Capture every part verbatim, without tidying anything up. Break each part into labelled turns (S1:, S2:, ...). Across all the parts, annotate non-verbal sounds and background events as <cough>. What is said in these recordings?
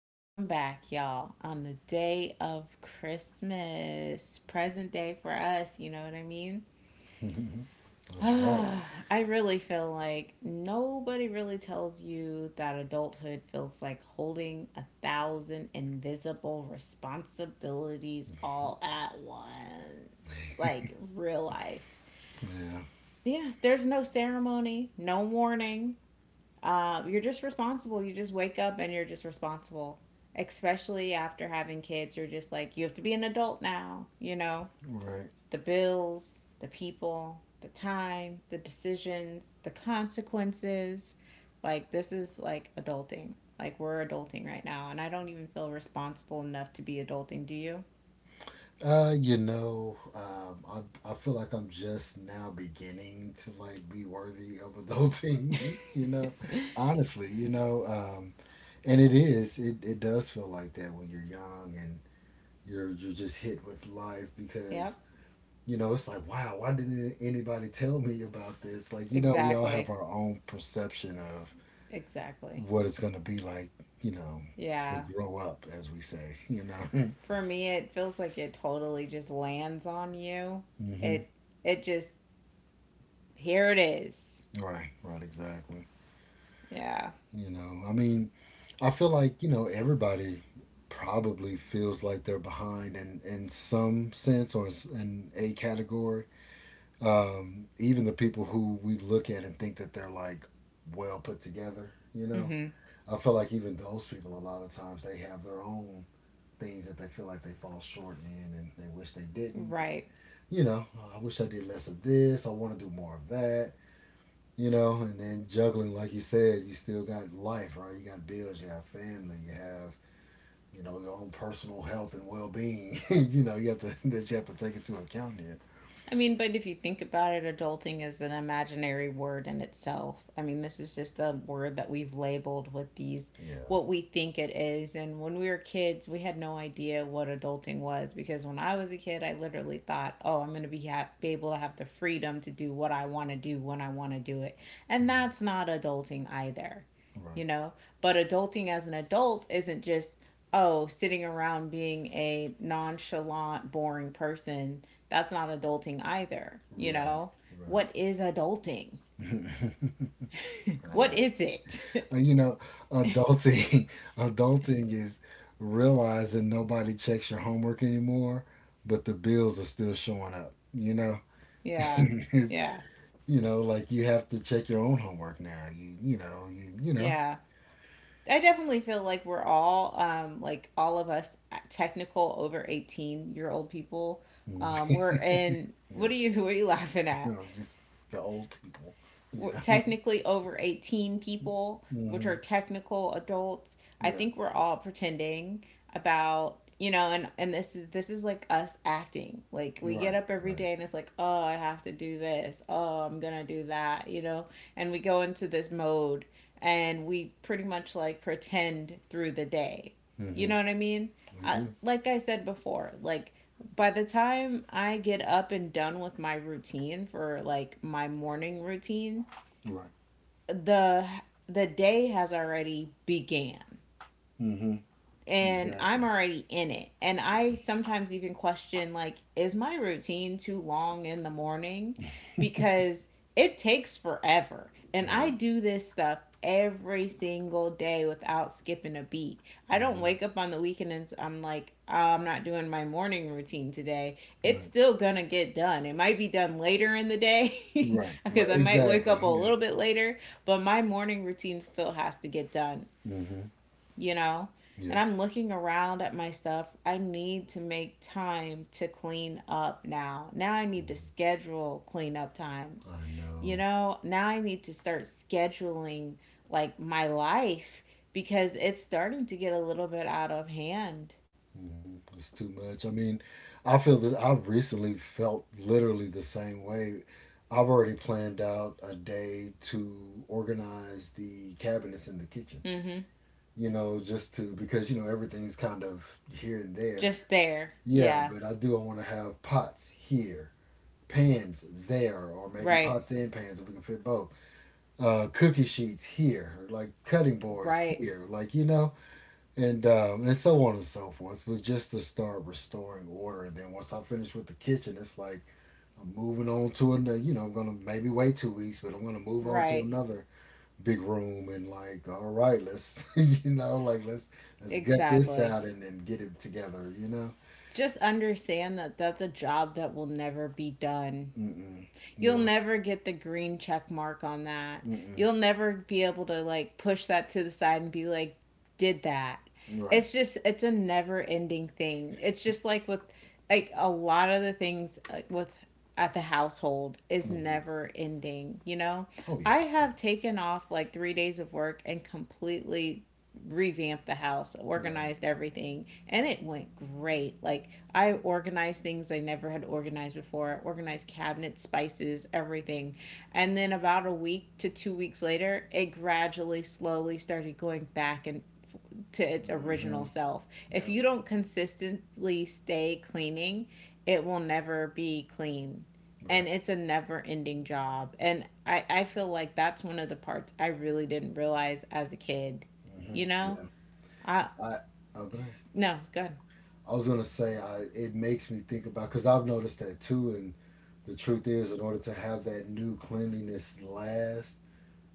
S1: welcome back, y'all, on the day of Christmas, present day for us, you know what I mean?
S2: <laughs>
S1: <sighs>
S2: That's right.
S1: I really feel like nobody really tells you that adulthood feels like holding a thousand invisible responsibilities all at once, like real life.
S2: Yeah,
S1: Yeah, there's no ceremony, no warning, uh, you're just responsible. You just wake up and you're just responsible. Especially after having kids, you're just like, you have to be an adult now, you know?
S2: right.
S1: The bills, the people, the time, the decisions, the consequences. Like, this is like adulting. Like, we're adulting right now, and I don't even feel responsible enough to be adulting, do you?
S2: Uh, you know, um, I I feel like I'm just now beginning to like be worthy of adulting. <laughs> You know,
S1: <laughs>
S2: honestly, you know, um, and it is it it does feel like that when you're young and you're you're just hit with life because
S1: Yep,
S2: you know it's like wow why didn't anybody tell me about this like you know we all have
S1: exactly.
S2: our own perception of
S1: Exactly.
S2: what it's gonna be like you know to
S1: Yeah,
S2: grow up as we say you know <laughs>
S1: for me it feels like it totally just lands on you.
S2: hmm
S1: It it just here it is.
S2: Right, right, exactly.
S1: Yeah.
S2: You know, I mean, I feel like, you know, everybody probably feels like they're behind in, in some sense or s- in a category. Um, even the people who we look at and think that they're like well put together, you know,
S1: Mhm.
S2: I feel like even those people, a lot of times, they have their own things that they feel like they fall short in and they wish they didn't.
S1: Right.
S2: You know, "Oh, I wish I did less of this, I want to do more of that you know, and then juggling, like you said, you still got life, right? You got bills, you have family, you have, you know, your own personal health and well being." <laughs> You know, you have to <laughs> that you have to take into account here.
S1: I mean, but if you think about it, adulting is an imaginary word in itself. I mean, this is just a word that we've labeled with these
S2: Yeah.
S1: what we think it is. And when we were kids, we had no idea what adulting was because when I was a kid, I literally thought, "Oh, I'm going to be, ha- be able to have the freedom to do what I want to do when I want to do it." And
S2: Mhm.
S1: that's not adulting either.
S2: Right.
S1: You know, but adulting as an adult isn't just, oh, sitting around being a nonchalant boring person. That's not adulting either, you
S2: Right.
S1: know.
S2: Right.
S1: What is adulting?
S2: <laughs> I
S1: What
S2: know.
S1: is it?
S2: Uh,
S1: <laughs>
S2: you know, adulting, <laughs> adulting is realizing nobody checks your homework anymore, but the bills are still showing up. You know, <laughs>
S1: Yeah,
S2: it's,
S1: yeah,
S2: you know, like you have to check your own homework now. You you know you you know,
S1: yeah, I definitely feel like we're all um like all of us uh, technical over eighteen year old people. Um
S2: <laughs>
S1: we're in,
S2: yeah,
S1: what are you, <laughs> what are you laughing
S2: <laughs> you
S1: at?
S2: know, just the old people, you know.
S1: Technically over eighteen people,
S2: <laughs>
S1: which are
S2: hmm
S1: technical adults. I
S2: Yeah,
S1: think we're all pretending, about you know, and and this is this is like us acting like we get
S2: right,
S1: up every
S2: right.
S1: day and it's like, oh, I have to do this, oh, I'm gonna do that, you know. And we go into this mode, and we pretty much like pretend through the day, you
S2: hmm
S1: know what I mean.
S2: We
S1: I,
S2: do
S1: like I said before, like by the time I get up and done with my routine, for like my morning routine,
S2: right.
S1: the the day has already began,
S2: hmm
S1: and I'm
S2: Exactly.
S1: already in it. And I sometimes even question like, is my routine too long in the morning, because it takes forever. And I
S2: Right.
S1: do this stuff every single day without skipping a beat. I don't
S2: hmm
S1: wake up on the weekend and i I'm like, oh, I'm not doing my morning routine today. It's
S2: Right.
S1: still gonna get done. It might be done later in the day,
S2: Right.
S1: <laughs> because
S2: Right.
S1: I might wake
S2: Exactly.
S1: up a
S2: Yeah.
S1: little bit later, but my morning routine still has to get done,
S2: hmm
S1: you know? And
S2: Yeah.
S1: I'm looking around at my stuff. I need to make time to clean up now. Now I need to
S2: Mhm.
S1: schedule cleanup times.
S2: I
S1: You
S2: know.
S1: know, now I need to start scheduling like my life, because it's starting to get a little bit out of hand.
S2: Mm-hmm. It's too much. I mean, I feel that I've recently felt literally the same way. I've already planned out a day to organize the cabinets in the kitchen,
S1: Mm-hmm.
S2: you know, just to because, you know, everything's kind of here and there.
S1: Just there.
S2: Yeah,
S1: Yeah.
S2: but I do. I want to have pots here, pans there, or maybe
S1: Right.
S2: pots and pans if we can fit both. Uh, cookie sheets here, like cutting boards
S1: Right.
S2: here, like, you know and um, and so on and so forth was just to start restoring order. And then once I finish with the kitchen, it's like I'm moving on to another. You know, I'm gonna maybe wait two weeks, but I'm gonna move on to
S1: Right.
S2: another big room and like, all right, let's <laughs> you know, like let's let's get this
S1: Exactly.
S2: out and then get it together. You know,
S1: Just understand that that's a job that will never be done.
S2: mm-mm,
S1: You'll
S2: yeah,
S1: never get the green check mark on that.
S2: mm-mm,
S1: You'll never be able to like push that to the side and be like, did that.
S2: right,
S1: It's just, it's a never ending thing. It's just like with, like a lot of the things like, with, at the household is
S2: mm-hmm.
S1: never ending, you know?
S2: Oh yeah,
S1: I have taken off like three days of work and completely revamped the house,
S2: yeah, right,
S1: organized everything and it went great. Like I organized things I never had organized before. I organized cabinets, spices, everything. And then about a week to two weeks later, it gradually slowly started going back and to its
S2: mm-hmm,
S1: original self. If
S2: yep,
S1: you don't consistently stay cleaning, it will never be clean.
S2: right,
S1: And it's a never ending job. And I, I feel like that's one of the parts I really didn't realize as a kid.
S2: mm-hmm,
S1: You know?
S2: yeah.
S1: I,
S2: I Oh go ahead.
S1: no, good.
S2: I was gonna say I it makes me think about because I've noticed that too, and the truth is, in order to have that new cleanliness last,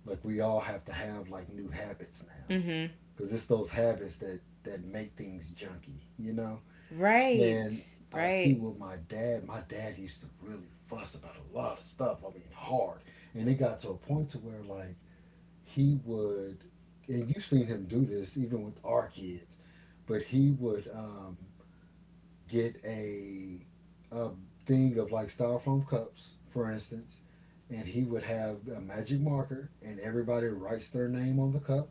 S2: like we all have to have like new habits now,
S1: Mm-hmm.
S2: because it's those habits that that make things junky, you know.
S1: Right.
S2: And I see
S1: Right.
S2: what my dad. My dad used to really fuss about a lot of stuff. I mean, hard, and it got to a point to where like he would, and you've seen him do this even with our kids, but he would. Um get a a thing of like styrofoam cups, for instance, and he would have a magic marker, and everybody writes their name on the cup,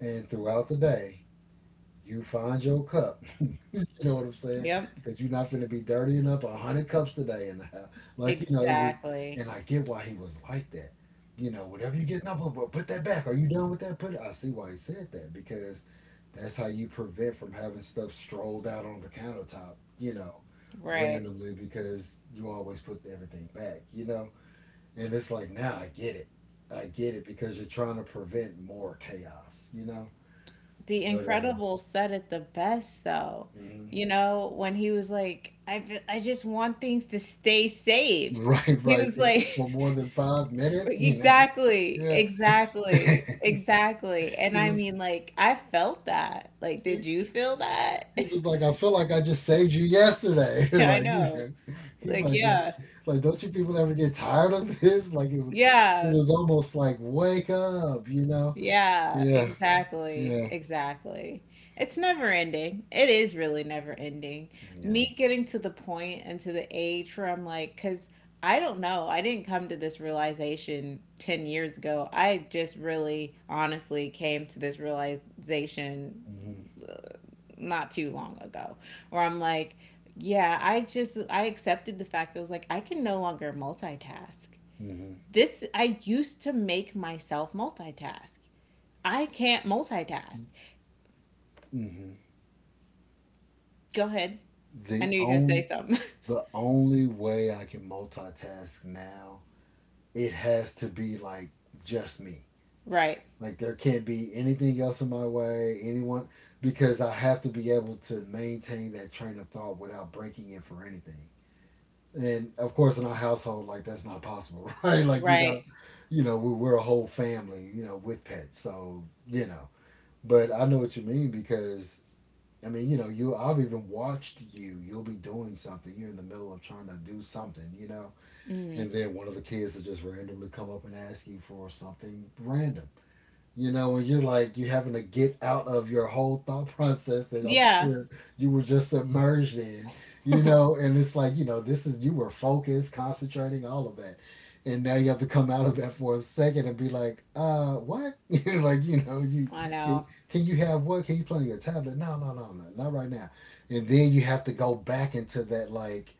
S2: and throughout the day you find your cup. <laughs> You know what I'm saying?
S1: Yep.
S2: Because you're not going to be dirtying up a hundred cups today in the house, like you know, it was.
S1: Exactly.
S2: And I get why he was like that. You know, whatever you getting up over, put that back. Are you done with that? Put it. I see why he said that because that's how you prevent from having stuff strolled out on the countertop. You know,
S1: Right.
S2: randomly because you always put everything back. You know, and it's like now I get it. I get it because you're trying to prevent more chaos. You know,
S1: The
S2: but um.
S1: Incredibles said it the best though.
S2: mhm.
S1: You know, when he was like, I, fe- I just want things to stay saved.
S2: Right,
S1: He
S2: right.
S1: was
S2: They-
S1: like,
S2: For more
S1: <laughs>
S2: than five minutes, you know.
S1: exactly,
S2: Yeah.
S1: exactly,
S2: <laughs>
S1: exactly. And
S2: He
S1: I
S2: was
S1: mean, like, I felt that. Like,
S2: he,
S1: did you feel that?
S2: he was like, I feel like I just saved you yesterday. <laughs>
S1: <laughs> I
S2: Like, you
S1: know.
S2: know. He's
S1: Like,
S2: like "Did-
S1: yeah,
S2: like don't you people ever get tired of this?" <laughs> Like it was it
S1: yeah.
S2: was almost like wake up, you know?
S1: Yeah,
S2: Yeah,
S1: exactly.
S2: yeah.
S1: Exactly. It's never ending. It is really never ending.
S2: Yeah.
S1: Me getting to the point and to the age where I'm like, because I don't know, I didn't come to this realization ten years ago. I just really honestly came to this realization
S2: hmm
S1: not too long ago, where I'm like, yeah, I just, I accepted the fact that I was like, I can no longer multitask.
S2: hmm
S1: This, I used to make myself multitask. I can't multitask.
S2: hmm
S1: Go ahead. I
S2: The
S1: knew you were going to say
S2: on
S1: something.
S2: the only way I can multitask now, it has to be like just me.
S1: <laughs> Right.
S2: Like there can't be anything else in my way, anyone, because I have to be able to maintain that train of thought without breaking it for anything. And of course, in our household, like that's not possible, <laughs> right? Like you
S1: Right.
S2: know, you know, we, we're a whole family, you know, with pets. So you know, but I know what you mean because I mean, you know, you I've even watched you. You'll be doing something. You're in the middle of trying to do something, you know,
S1: Mm.
S2: and then one of the kids will just randomly come up and ask you for something random you know, when you're like you're having to get out of your whole thought <laughs> process that I'm
S1: Yeah.
S2: sure you were just submerged in, you know, and it's like, you know, this is you were focused, concentrating, all of that. And now you have to come out of that for a second and be like, uh, what? <laughs> Like, you know, you
S1: I
S2: can,
S1: know.
S2: can you have what? Can you play on your tablet? No, no, no, no, not right now. And then you have to go back into that like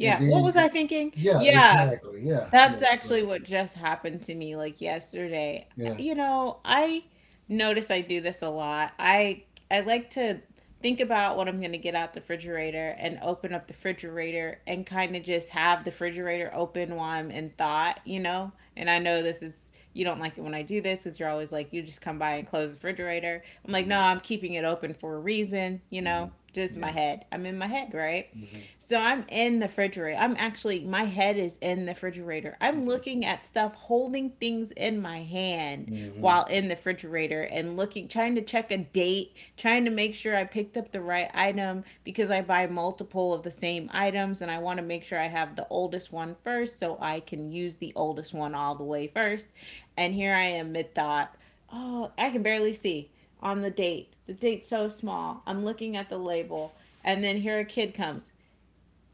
S2: and
S1: What
S2: then
S1: was I
S2: it,
S1: thinking?
S2: yeah,
S1: Yeah.
S2: exactly. Yeah, yeah.
S1: That's actually
S2: So
S1: what just happened to me like yesterday.
S2: yeah.
S1: You know, I notice I do this a lot. I I like to think about what I'm going to get out the refrigerator and open up the refrigerator and kind of just have the refrigerator open while I'm in thought, you know? And I know this is, you don't like it when I do this cuz you're always like you just come by and close the refrigerator. I'm like,
S2: Mm-hmm.
S1: "No, I'm keeping it open for a reason," you
S2: mm-hmm.
S1: know? Just my
S2: Yeah.
S1: head. I'm in my head, right?
S2: hmm
S1: So I'm in the refrigerator. I'm actually, my head is in the refrigerator. I'm looking at stuff, holding things in my hand
S2: Mm-hmm.
S1: while in the refrigerator and looking, trying to check a date, trying to make sure I picked up the right item because I buy multiple of the same items and I want to make sure I have the oldest one first so I can use the oldest one all the way first. And here I am mid thought. Oh, I can barely see on the date. The date's so small. I'm looking at the label. And then here a kid comes,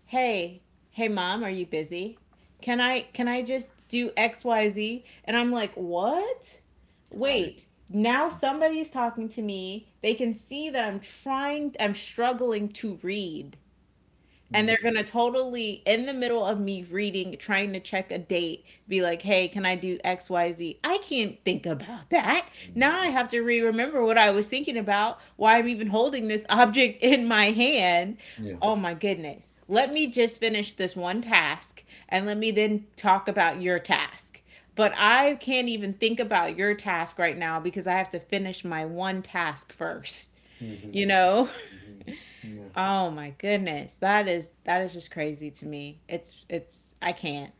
S1: hey, hey mom, are you busy? Can I can I just do X Y Z? And I'm like, "What?
S2: Right.
S1: Wait, now somebody's talking to me. They can see that I'm trying I'm struggling to read." And they're
S2: Mm-hmm.
S1: gonna totally in the middle of me reading trying to check a date be like, hey, can I do X Y Z? I can't think about that. Now
S2: Mm-hmm.
S1: I have to re-remember what I was thinking about, why I'm even holding this object <laughs> in my hand.
S2: Yeah.
S1: Oh my goodness, let me just finish this one task, and let me then talk about your task, but I can't even think about your task right now because I have to finish my one task first,
S2: Mm-hmm.
S1: you know.
S2: Mm-hmm. Yeah.
S1: Oh my goodness. That is that is just crazy to me. It's it's I can't.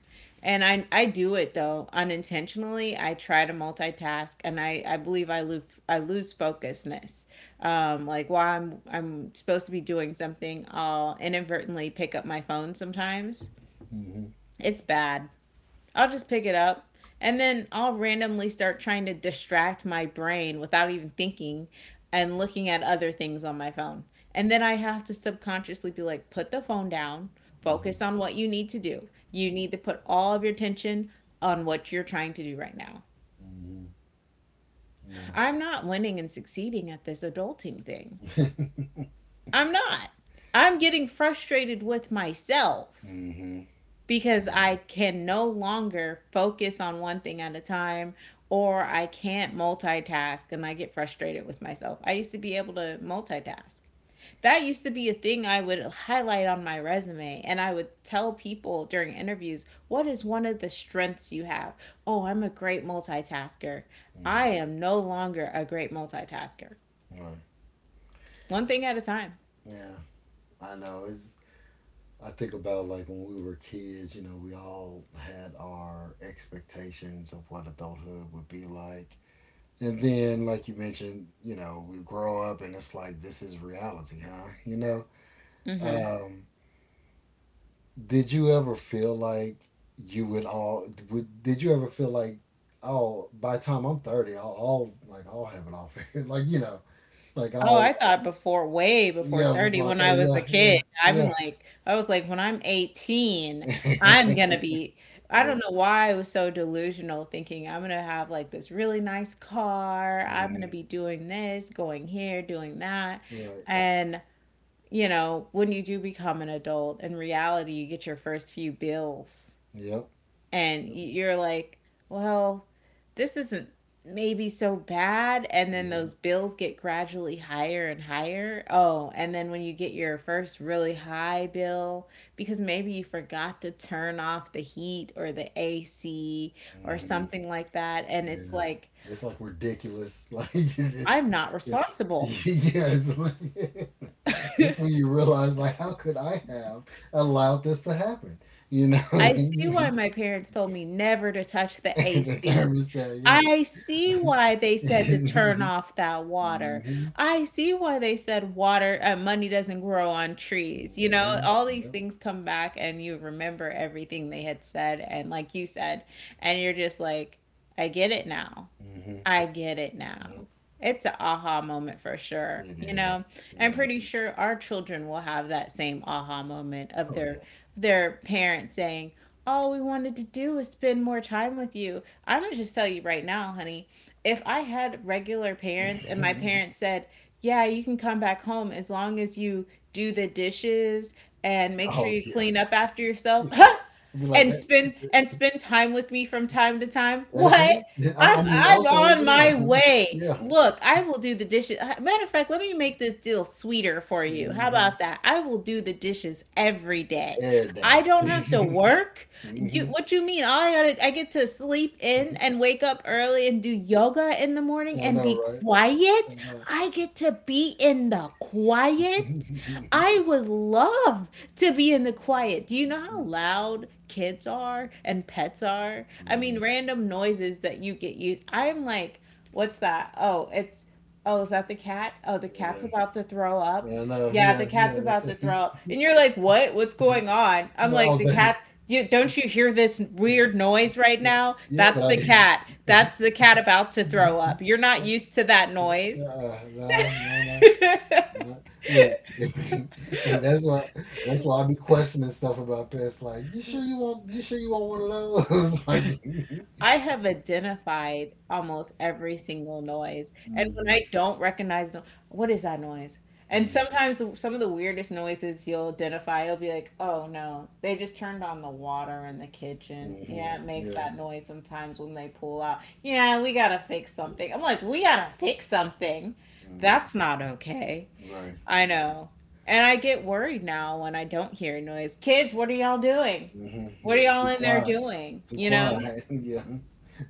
S1: And I I do it though unintentionally. I try to multitask and I I believe I lose I lose focusness. Um like while I'm I'm supposed to be doing something, I'll inadvertently pick up my phone sometimes.
S2: Mm-hmm.
S1: It's bad. I'll just pick it up. And then I'll randomly start trying to distract my brain without even thinking, and looking at other things on my phone. And then I have to subconsciously be like, put the phone down,
S2: Mm-hmm.
S1: focus on what you need to do. You need to put all of your attention on what you're trying to do right now.
S2: Mm-hmm. Yeah.
S1: I'm not winning and succeeding at this adulting thing.
S2: <laughs>
S1: I'm not. I'm getting frustrated with myself,
S2: mm-hmm. Oh,
S1: because I can no longer focus on one thing at a time, or I can't multitask and I get frustrated with myself. I used to be able to multitask. That used to be a thing I would highlight on my resume and I would tell people during interviews, what is one of the strengths you have? Oh, I'm a great multitasker.
S2: yeah. Mm-hmm.
S1: I am no longer a great multitasker.
S2: Right.
S1: One thing at a time.
S2: Yeah. I know. It's. I think about like when we were kids. You know, we all had our expectations of what adulthood would be like. And then, like you mentioned, you know, we grow up and it's like this is reality, huh? You know,
S1: Mm-hmm.
S2: um, did you ever feel like you would all? Would, did you ever feel like, oh, by the time I'm thirty, I'll, I'll like I'll have it all figured, <laughs> like you know, like
S1: Oh,
S2: I'll
S1: I
S2: uh,
S1: thought before, way before
S2: yeah,
S1: thirty
S2: before I
S1: when I was a
S2: think,
S1: kid.
S2: yeah, yeah,
S1: I'm like, I was like, when I'm eighteen, I'm
S2: yeah,
S1: gonna be,
S2: <laughs>
S1: I don't
S2: yeah,
S1: know why I was so delusional thinking I'm gonna have like this really nice car. I'm gonna
S2: mhm,
S1: be doing this, going here, doing that.
S2: right,
S1: And, you know, when you do become an adult, in reality, you get your first few bills
S2: yep,
S1: and
S2: yep,
S1: you're like, well, this isn't maybe so bad, and then
S2: mhm,
S1: those bills get gradually higher and higher. Oh, and then when you get your first really high bill because maybe you forgot to turn off the heat or the A C or
S2: mhm,
S1: something like that and it's
S2: yeah.
S1: like,
S2: It's like ridiculous, <laughs> like it's
S1: I'm not
S2: it's <laughs>
S1: responsible.
S2: yeah, it's like, <laughs> that's when you realize like how could I have allowed this to happen? You know,
S1: I see why
S2: <laughs>
S1: my parents told me never to touch
S2: <laughs>
S1: the
S2: the
S1: A C.
S2: thermostat, yeah.
S1: I see why they
S2: <laughs>
S1: said to turn
S2: mhm.
S1: off that water.
S2: Mhm.
S1: I see why they said water, uh, money doesn't grow on trees. You know, all these
S2: Yep.
S1: things come back and you remember everything they had said. And like you said, and you're just like, I get it now.
S2: Mhm.
S1: I get it now.
S2: Yep.
S1: It's an aha moment for sure.
S2: It
S1: You
S2: is.
S1: know, I'm
S2: Yeah.
S1: pretty sure our children will have that same aha moment of
S2: Oh yeah.
S1: their their parents saying, "All we wanted to do was spend more time with you." I'm gonna just tell you right now, honey. If I had regular parents and my parents
S2: <laughs>
S1: said, "Yeah, you can come back home as long as you do the dishes and make sure
S2: oh
S1: you
S2: yeah.
S1: clean up after yourself,"
S2: <laughs>
S1: <laughs>
S2: Right. Be like
S1: and
S2: that.
S1: spend and spend time with me from time to time.
S2: That's
S1: What?
S2: it. <laughs> Yeah, I, I
S1: I'm
S2: mean,
S1: I'm
S2: okay,
S1: on
S2: yeah,
S1: my
S2: <laughs>
S1: way.
S2: yeah.
S1: Look, I will do the dishes. Uh, Matter of fact, let me make this deal sweeter for you. How
S2: hmm
S1: about that? I will do the dishes every day.
S2: Air
S1: I
S2: dang.
S1: don't have to
S2: <laughs>
S1: work. You
S2: hmm
S1: what you mean? I gotta, I get to sleep in and wake up early and do yoga in the morning
S2: I
S1: and
S2: know,
S1: be
S2: right? I
S1: quiet.
S2: know.
S1: I get to be in the
S2: <laughs>
S1: quiet.
S2: Mhm.
S1: I would love to be in the quiet. Do you know how loud kids are and pets are?
S2: I
S1: I
S2: know.
S1: mean, random noises that you get used. I'm like, what's that? Oh, it's oh, is that the cat? Oh, the
S2: I
S1: cat's
S2: know.
S1: about to throw up.
S2: Yeah, I know.
S1: Yeah,
S2: Yeah,
S1: the cat's
S2: yeah. That's
S1: about to
S2: it.
S1: throw up. And you're like, "What? What's
S2: <laughs>
S1: going on?" I'm
S2: Well,
S1: like,
S2: oh,
S1: "The
S2: that.
S1: cat you, don't you hear this
S2: <laughs>
S1: weird noise right
S2: Right.
S1: now?
S2: Yeah, but
S1: That's
S2: I
S1: the cat.
S2: didn't.
S1: That's
S2: <laughs>
S1: the cat about to throw
S2: Uh,
S1: up. You're not used to that noise."
S2: no, no, no, no.
S1: <laughs>
S2: Look, <laughs> and that's why that's why I be questioning stuff about pets. Like, you sure you want you sure you want one of those? <laughs> Like,
S1: I have identified almost every single noise. And when
S2: hmm
S1: I don't recognize, no- what is that noise? And
S2: hmm
S1: sometimes some of the weirdest noises you'll identify, you'll be like, oh no, they just turned on the water in the kitchen.
S2: hmm
S1: Yeah, it makes
S2: yeah,
S1: that noise sometimes when they pull out. Yeah, we gotta fix something. I'm like, we gotta fix something.
S2: hmm
S1: That's not okay.
S2: right,
S1: I know. And I get worried now when I don't hear noise. Kids, what are y'all doing?
S2: hmm
S1: What
S2: yeah.
S1: are
S2: It's
S1: y'all
S2: too
S1: in there
S2: quiet.
S1: doing?
S2: It's too
S1: You know?
S2: quiet. <laughs> Yeah,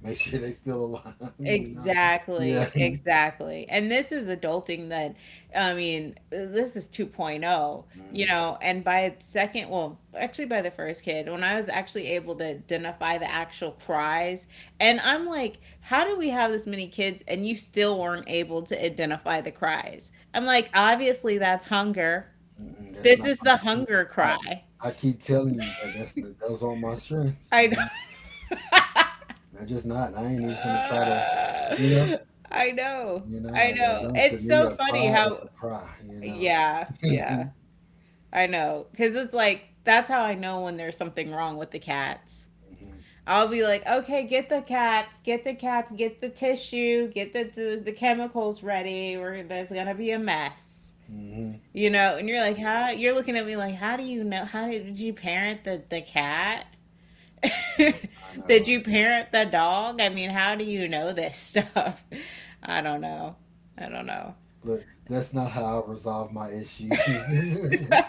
S2: make sure they still alive. <laughs> You know, yeah.
S1: Exactly, exactly. And this is adulting that, I mean, this is 2.0, you
S2: hmm
S1: know, and by second, well, actually by the first kid, when I was actually able to identify the actual cries, and I'm like, how do we have this many kids and you still weren't able to identify the cries? I'm like, obviously that's hunger.
S2: hmm That's
S1: This
S2: not
S1: is
S2: my
S1: the
S2: strength.
S1: hunger
S2: I
S1: cry.
S2: I keep telling you that that's the, those aren't my strengths.
S1: I know.
S2: You know. I just not. I ain't
S1: <laughs>
S2: even finna try to, you know,
S1: I know.
S2: you know.
S1: I
S2: I, I
S1: know.
S2: don't. To
S1: It's
S2: me,
S1: so
S2: a
S1: funny
S2: cry
S1: how
S2: is a cry. You know.
S1: yeah,
S2: <laughs> hmm
S1: yeah. I know. Because it's like, that's how I know when there's something wrong with the cats. I'll be like, okay, get the cats, get the cats, get the tissue, get the the, the chemicals ready, or there's gonna be a mess.
S2: hmm
S1: You know, and you're like, how? You're looking at me like, how do you know? How did, did you parent the, the cat?
S2: Yeah,
S1: <laughs>
S2: I know.
S1: Did
S2: Right?
S1: you parent the dog? I mean, how do you know this stuff? <laughs> I don't know. I don't
S2: Look, that's not how I resolve my issues. <laughs>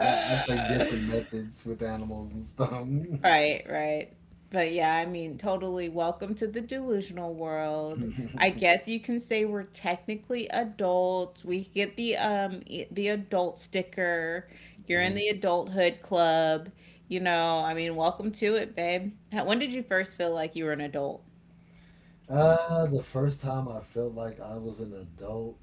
S2: I, I take
S1: <laughs>
S2: different methods with animals and stuff.
S1: Right, right. But yeah, I mean, totally welcome to the delusional world. I
S2: <laughs>
S1: guess you can say we're technically adults. We get the um e- the adult sticker. You're in
S2: Mhm.
S1: the adulthood club. You know, I mean, welcome to it, babe. How- When did you first feel like you were an adult?
S2: Uh, the first time I felt like I was an adult,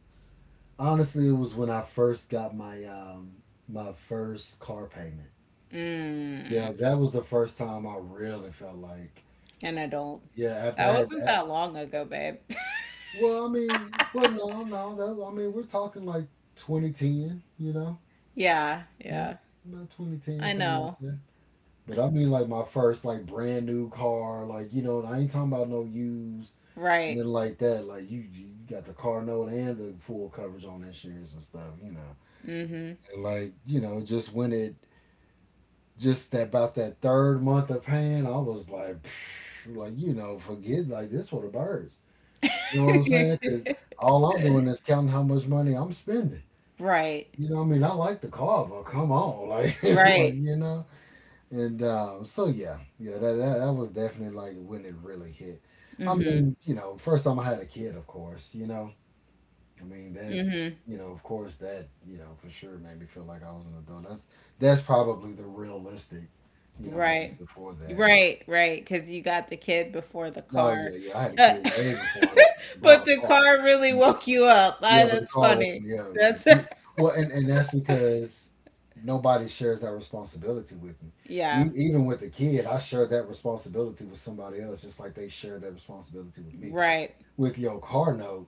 S2: honestly, it was when I first got my um my first car payment.
S1: Mm,
S2: Yeah, that was the first time I really felt like,
S1: an adult.
S2: yeah, after I
S1: That
S2: had
S1: wasn't
S2: that.
S1: that long ago, babe. <laughs>
S2: Well, I mean, well, no, no, that, I mean, we're talking like twenty ten, you know?
S1: Yeah,
S2: Yeah,
S1: yeah.
S2: about twenty ten,
S1: I
S2: something like
S1: know.
S2: that. But I mean, like my first like brand new car, like you know, and I ain't talking about no used,
S1: Right.
S2: nothing like that. Like you, you got the car note and the full coverage on insurance and stuff, you know.
S1: Mm-hmm.
S2: And like you know, just when it just about that third month of paying, I was like, psh, like you know, forget like this for the birds. You know what I'm saying? Because all I'm doing is counting how much money I'm spending.
S1: <laughs> Right.
S2: You know, what I mean, I like the car, but come on, <laughs> like, <laughs> like
S1: Right.
S2: you know. And um, so yeah, yeah, that, that that was definitely like when it really hit. I
S1: Mm-hmm.
S2: mean, you know, first time I had a kid, of course, you know, I mean that,
S1: Mhm.
S2: you know, of course that, you know, for sure made me feel like I was an adult. That's that's probably the realistic, you know,
S1: Right.
S2: answer for that.
S1: Right, right. Cause you got the kid before the
S2: No,
S1: car.
S2: yeah, yeah. I had a
S1: Uh,
S2: kid way
S1: <laughs>
S2: before I bought
S1: but
S2: a
S1: the
S2: car.
S1: car really
S2: You know?
S1: woke you up. Ah,
S2: Yeah, but the
S1: that's
S2: car
S1: funny.
S2: wasn't. Yeah, yeah.
S1: That's
S2: We, well, and and that's because nobody shares that responsibility with me.
S1: <laughs> yeah.
S2: E- even with the kid, I share that responsibility with somebody else, just like they share that responsibility with me.
S1: Right.
S2: With your car note,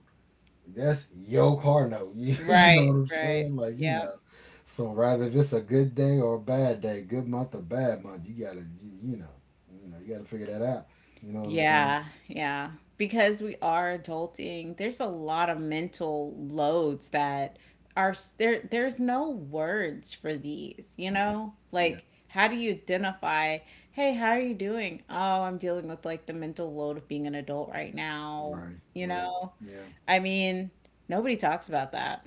S2: that's your car note. <laughs> You, you know what
S1: Right,
S2: I'm
S1: right.
S2: saying? Like you know.
S1: Yep.
S2: So rather if it's a good day or a bad day, good month or bad month, you gotta you, you know, you know, you gotta figure that out. You know what I'm saying?
S1: Yeah, yeah. Because we are adulting, there's a lot of mental loads that are s- there there's no words for these, you
S2: Mhm.
S1: know?
S2: Yeah.
S1: Like how do you identify, "Hey, how are you doing?" "Oh, I'm dealing with like the mental load of being an adult right now."
S2: Right.
S1: You
S2: Right.
S1: know?
S2: Yeah.
S1: I mean, nobody talks about that.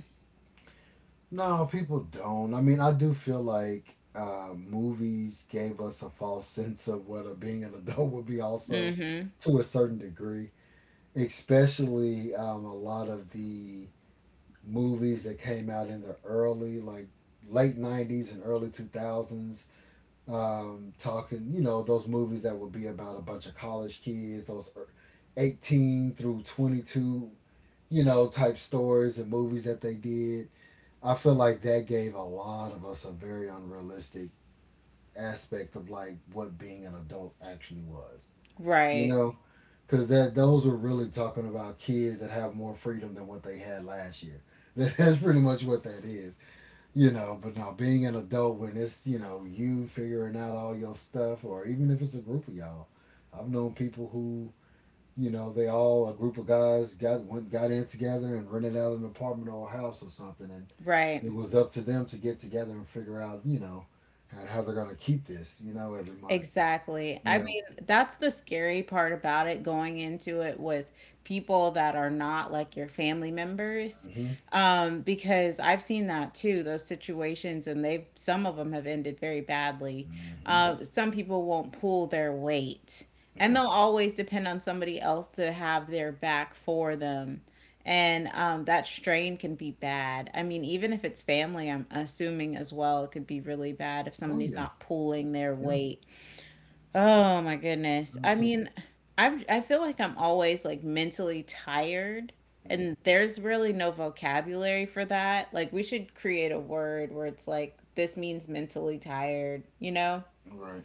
S2: No, people don't. I mean, I do feel like uh, movies gave us a false <laughs> sense of what a, being an adult would be, also
S1: Mhm.
S2: to a certain degree. Especially um, a lot of the movies that came out in the early, like late nineties and early two thousands um, talking, you know, those movies that would be about a bunch of college kids, those er- eighteen through twenty-two, you know, type stories and movies that they did. I feel like that gave a lot of us a very unrealistic aspect of like what being an adult actually was, you
S1: Right.
S2: know, because that those were really talking about kids that have more freedom than what they had last year. <laughs> That's pretty much what that is. You know, but no, being an adult when it's, you know, you figuring out all your stuff, or even if it's a group of y'all. I've known people who, you know, they all, a group of guys got went, got in together and rented out an apartment or a house or something. And
S1: Right.
S2: it was up to them to get together and figure out, you know, how, how they're going to keep this, you know, every month.
S1: Exactly. I
S2: Yeah.
S1: mean, that's the scary part about it going into it with people that are not like your family members.
S2: Mm-hmm.
S1: Um, because I've seen that too, those situations, and they've some of them have ended very badly.
S2: Mm-hmm.
S1: Uh, some people won't pull their weight, and
S2: Yeah.
S1: they'll always depend on somebody else to have their back for them. And um, that strain can be bad. I mean, even if it's family, I'm assuming as well, it could be really bad if
S2: Oh,
S1: somebody's
S2: yeah.
S1: not pulling their
S2: Yeah.
S1: weight. Oh my goodness. I
S2: Awesome.
S1: mean, I I feel like I'm always like mentally tired
S2: Mm-hmm.
S1: and there's really no vocabulary for that. Like we should create a word where it's like this means mentally tired, you know?
S2: Right.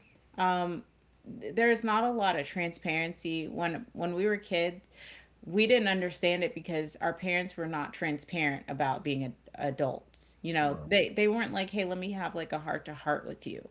S1: There's not a lot of transparency when when we were kids, we didn't understand it because our parents were not transparent about being a, adults. You know,
S2: Right.
S1: they they weren't like, "Hey, let me have like a heart to heart with you."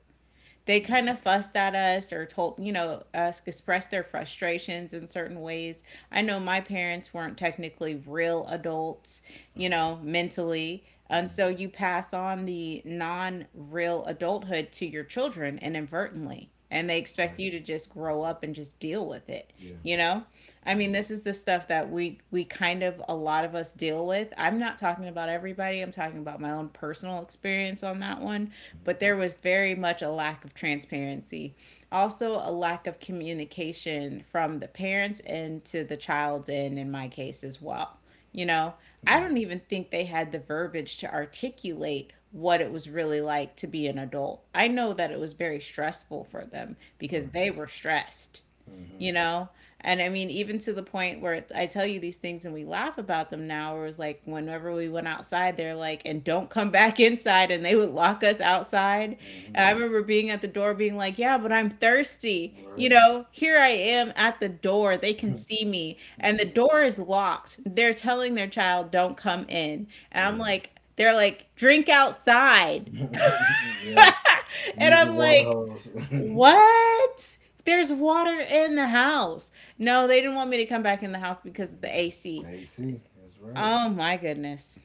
S1: They kind of fussed at us or told, you know, us expressed their frustrations in certain ways. I know my parents weren't technically real adults, you know, mentally. And
S2: Mm-hmm.
S1: so you pass on the non real adulthood to your children inadvertently. And they expect
S2: Right.
S1: you to just grow up and just deal with it,
S2: Mm-hmm. Yeah.
S1: you know. I mean, this is the stuff that we we kind of a lot of us deal with. I'm not talking about everybody, I'm talking about my own personal experience on that one.
S2: Mm-hmm.
S1: But there was very much a lack of transparency, also a lack of communication from the parents and to the child's end in my case as well, you know. I
S2: Yeah.
S1: don't even think they had the verbiage to articulate what it was really like to be an adult. I know that it was very stressful for them because
S2: Right.
S1: they were stressed,
S2: Mm-hmm.
S1: you know. And I mean, even to the point where I tell you these things and we laugh about them now, where it was like whenever we went outside they're like, "And don't come back <laughs> inside," and they would lock us outside. And
S2: Hmm.
S1: I remember being at the door being like, yeah, but I'm thirsty. You
S2: Right.
S1: know, here I am at the door, they can see me and the
S2: Hmm.
S1: door is locked, they're telling their child don't come in. And I'm
S2: Right.
S1: like, they're like, drink outside.
S2: <laughs> Yeah.
S1: <laughs> And
S2: Use the
S1: I'm
S2: water
S1: like,
S2: hose. <laughs>
S1: what? There's water in the house. No, they didn't want me to come back in the house because of the
S2: Mhm.
S1: A C.
S2: A C. That's right.
S1: Oh my goodness.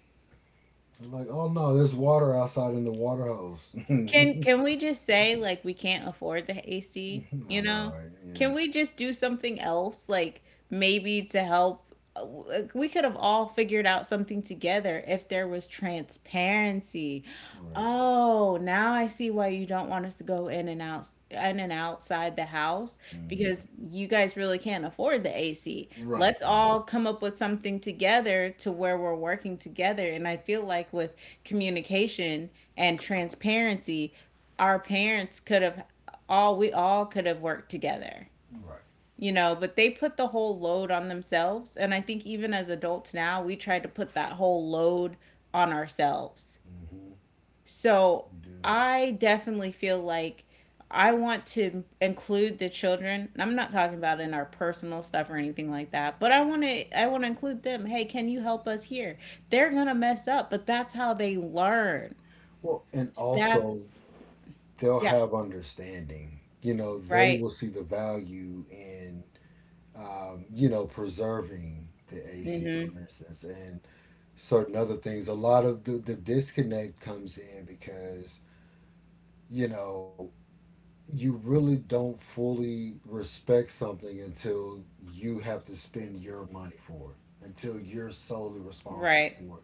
S2: I'm like, oh no, there's water outside in the water hose. <laughs> I
S1: Can can we just say like we can't afford the A C, you
S2: know,
S1: know?
S2: right? Yeah.
S1: Can we just do something else, like maybe to help. Like, we could have all figured out something together if there was transparency.
S2: Right.
S1: Oh, now I see why you don't want us to go in and out, in and outside the house,
S2: Hmm.
S1: because you guys really can't afford the A C.
S2: Right.
S1: Let's
S2: Right.
S1: all come up with something together to where we're working together. And I feel like with communication and transparency, our parents could have all, we all could have worked together.
S2: Right.
S1: You know, but they put the whole load on themselves. And I think even as adults now, we try to put that whole load on ourselves.
S2: Hmm.
S1: So
S2: You do.
S1: I definitely feel like I want to include the children. And I'm not talking about in our personal stuff or anything like that, but I want to I want to include them. Hey, can you help us here? They're going to mess up, but that's how they learn.
S2: Well, and
S1: That
S2: also they'll
S1: yeah,
S2: have understanding. You know, they
S1: right.
S2: will see the value in, um, you know, preserving the A C,
S1: Mhm.
S2: for instance, and certain other things. A lot of the, the disconnect comes in because, you know, you really don't fully respect something until you have to spend your money for it, until you're solely responsible
S1: Right.
S2: for it.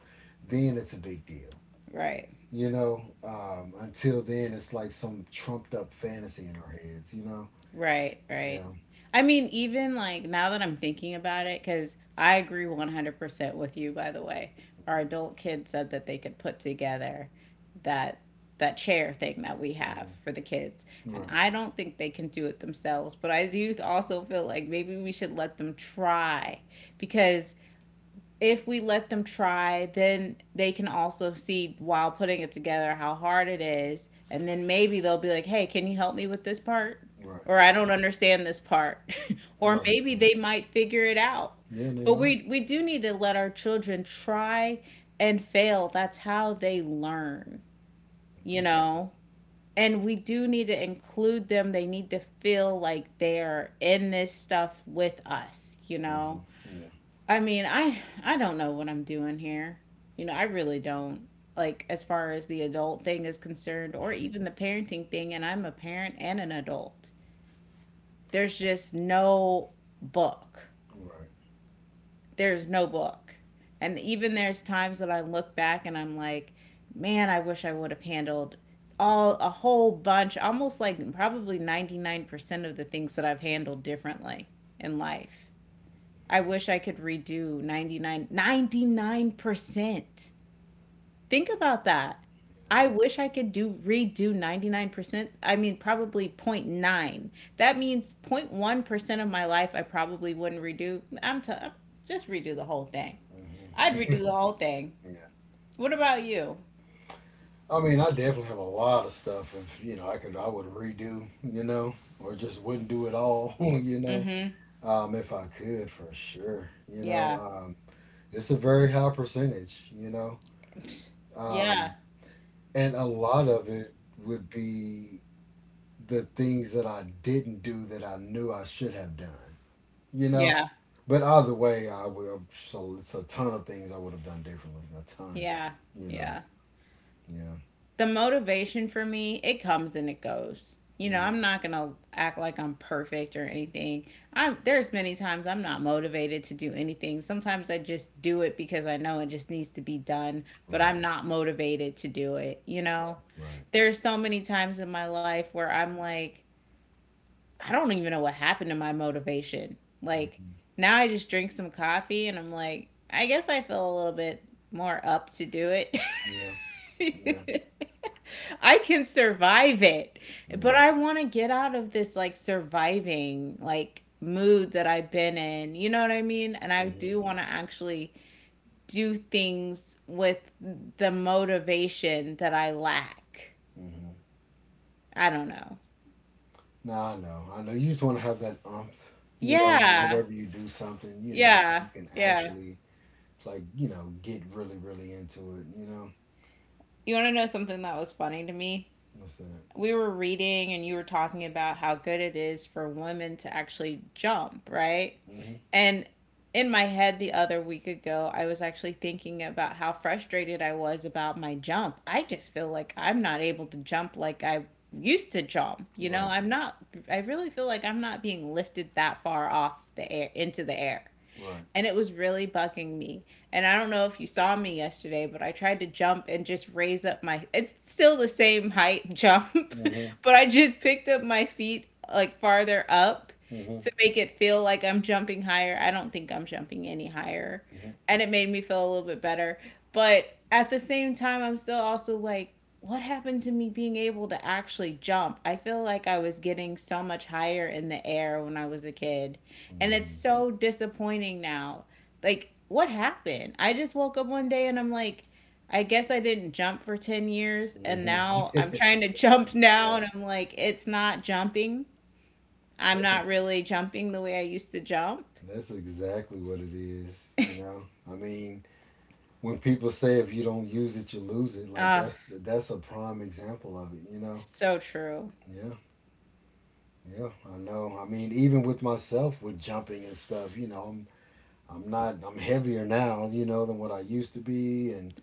S2: Then it's a big deal.
S1: Right.
S2: You know, um, until then, it's like some trumped up fantasy in our heads, you know?
S1: Right, right.
S2: Yeah.
S1: I mean, even like now that I'm thinking about it, because I agree one hundred percent with you, by the way. Our adult kid said that they could put together that that chair thing that we have
S2: Hmm.
S1: for the kids. And
S2: Right,
S1: I don't think they can do it themselves, but I do also feel like maybe we should let them try because if we let them try, then they can also see while putting it together how hard it is. And then maybe they'll be like, hey, can you help me with this part?
S2: right,
S1: Or I don't understand this part. <laughs> Or
S2: right,
S1: maybe
S2: right.
S1: they might figure it out.
S2: Yeah, they
S1: But
S2: might.
S1: we, we do need to let our children try and fail. That's how they learn, you
S2: Okay.
S1: know? And we do need to include them. They need to feel like they're in this stuff with us, you know?
S2: Hmm. Yeah.
S1: I mean, I I don't know what I'm doing here. You know, I really don't. Like as far as the adult thing is concerned, or
S2: <laughs>
S1: even the parenting thing, and I'm a parent and an adult. There's just no book.
S2: Right.
S1: There's no book. And even there's times when I look back and I'm like, man, I wish I would have handled all a whole bunch, almost like probably ninety-nine percent of the things that I've handled differently in life. I wish I could redo ninety nine ninety nine percent. Think about that. I wish I could do redo ninety-nine percent. I mean probably zero point zero point nine. That means zero point one percent of my life I probably wouldn't redo. I'm t- just redo the whole thing. I'd
S2: Yeah.
S1: redo the whole thing.
S2: Hmm. <laughs>
S1: What about you?
S2: I mean, I definitely have a lot of stuff. If you know, I could, I would redo, you know, or just wouldn't do it all, <laughs> you know,
S1: Mhm.
S2: um, if I could, for sure. You
S1: Yeah.
S2: know, um, it's a very high percentage, you know,
S1: Yeah.
S2: um, and a lot of it would be the things that I didn't do that I knew I should have done, you know.
S1: Yeah.
S2: But either way, I will. So it's a ton of things I would have done differently. A ton,
S1: Yeah.
S2: you know.
S1: Yeah.
S2: Yeah.
S1: The motivation for me, it comes and it goes. You know,
S2: Hmm.
S1: I'm not going to act like I'm perfect or anything. I'm There's many times I'm not motivated to do anything. Sometimes I just do it because I know it just needs to be done, but
S2: Right.
S1: I'm not motivated to do it, you know?
S2: Right.
S1: There's so many times in my life where I'm like, I don't even know what happened to my motivation. Like,
S2: Hmm.
S1: now I just drink some coffee and I'm like, I guess I feel a little bit more up to do it. <laughs>
S2: Yeah. Yeah,
S1: <laughs> I can survive it, but
S2: yeah.
S1: I want to get out of this like surviving like mood that I've been in. You know what I mean? And I
S2: Hmm.
S1: do want to actually do things with the motivation that I lack.
S2: Hmm.
S1: I don't know.
S2: No, I know. I know. You just want to have that umph, you know,
S1: Yeah.
S2: whenever you do something, you know, so
S1: Yeah.
S2: you can
S1: Yeah.
S2: actually, like, you know, get really, really into it, you know?
S1: You want to know something that was funny to me?
S2: What's that?
S1: We were reading and you were talking about how good it is for women to actually jump, right?
S2: Hmm.
S1: And in my head the other week ago, I was actually thinking about how frustrated I was about my jump. I just feel like I'm not able to jump like I used to jump. You know,
S2: Right,
S1: I'm not I really feel like I'm not being lifted that far off the air into the air,
S2: right.
S1: and it was really bugging me. And I don't know if you saw me yesterday, but I tried to jump, and just raise up my it's still the same height jump, <laughs>
S2: Hmm.
S1: but I just picked up my feet like farther up
S2: Hmm.
S1: to make it feel like I'm jumping higher. I don't think I'm jumping any higher.
S2: Hmm.
S1: And it made me feel a little bit better. But at the same time, I'm still also like, what happened to me being able to actually jump? I feel like I was getting so much higher in the air when I was a kid. And it's
S2: Hmm.
S1: so disappointing now. Like, what happened? I just woke up one day and I'm like, I guess I didn't jump for ten years. And
S2: Hmm.
S1: now
S2: <laughs>
S1: I'm trying to <laughs> jump now
S2: Right.
S1: and I'm like, it's not jumping. I'm
S2: That's e-
S1: not really jumping the way I used to jump.
S2: that's exactly what it is, you know. I mean, when people say if you don't use it, you lose it, like
S1: Ah,
S2: that's that's a prime example of it, you know.
S1: so true.
S2: Yeah. Yeah, I know. I mean, even with myself with jumping and stuff, you know, I'm I'm not I'm heavier now, you know, than what I used to be and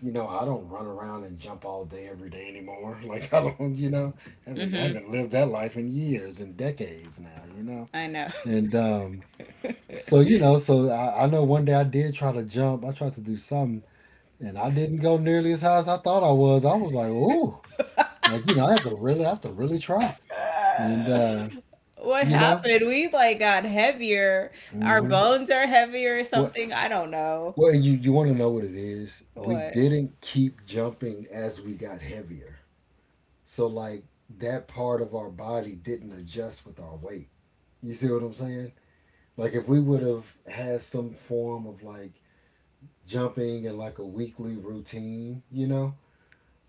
S2: you know, I don't run around and jump all day every day anymore. <laughs> Like I don't, you know, haven't haven't lived that life in years and decades now, you know.
S1: I know.
S2: And um so you know, so I, I know one day I did try to jump. I tried to do something and I didn't go nearly as high as I thought I was. I was like, "Ooh." Like, you know, I had to really I have to really try. And
S1: <laughs>
S2: uh,
S1: What
S2: you know,
S1: happened? We like got heavier. Our
S2: mhm.
S1: bones are heavier or
S2: What?
S1: something. I don't know.
S2: Well, you you want to know what it is? We
S1: What?
S2: didn't keep jumping as we got heavier. So like that part of our body didn't adjust with our weight. You see what I'm saying? Like if we would have had some form of like jumping and like a weekly routine, you know,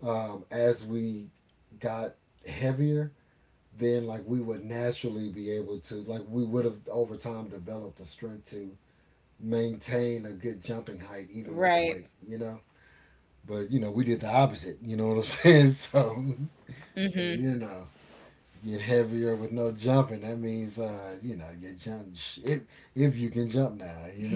S2: um, as we got heavier, then like we would naturally be able to like we would have over time developed the strength to maintain a good jumping height even with the
S1: Right.
S2: weight, you know? But you know, we did the opposite. You know what I'm <laughs> saying? So, so you know, get heavier with no jumping. That means, uh, you know, you jump if if you can jump now. You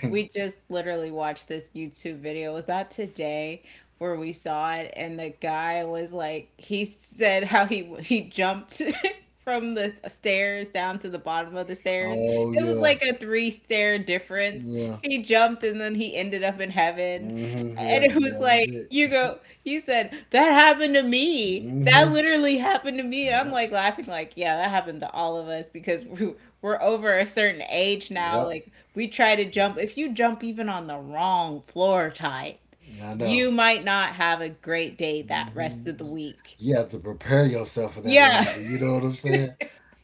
S2: know. <laughs>
S1: We just literally watched this YouTube video. Was that today where we saw it? And the guy was like, he said how he he jumped <laughs> from the stairs down to the bottom of the stairs.
S2: Oh
S1: It was
S2: yeah,
S1: like a three stair difference.
S2: yeah,
S1: He jumped and then he ended up in heaven,
S2: mm-hmm, yeah,
S1: and it
S2: yeah.
S1: was
S2: That was
S1: like,
S2: it.
S1: you go, you said that happened to me, that
S2: Mm-hmm.
S1: literally happened to me, and I'm
S2: Yep.
S1: like, laughing like, yeah, that happened to all of us because <laughs> we- we're over a certain age now.
S2: Yep.
S1: Like, we try to jump. If you jump even on the wrong floor type,
S2: I know.
S1: you might not have a great day that rest
S2: Hmm.
S1: of the week.
S2: You have to prepare yourself for that
S1: Yeah.
S2: landing. You know what I'm saying?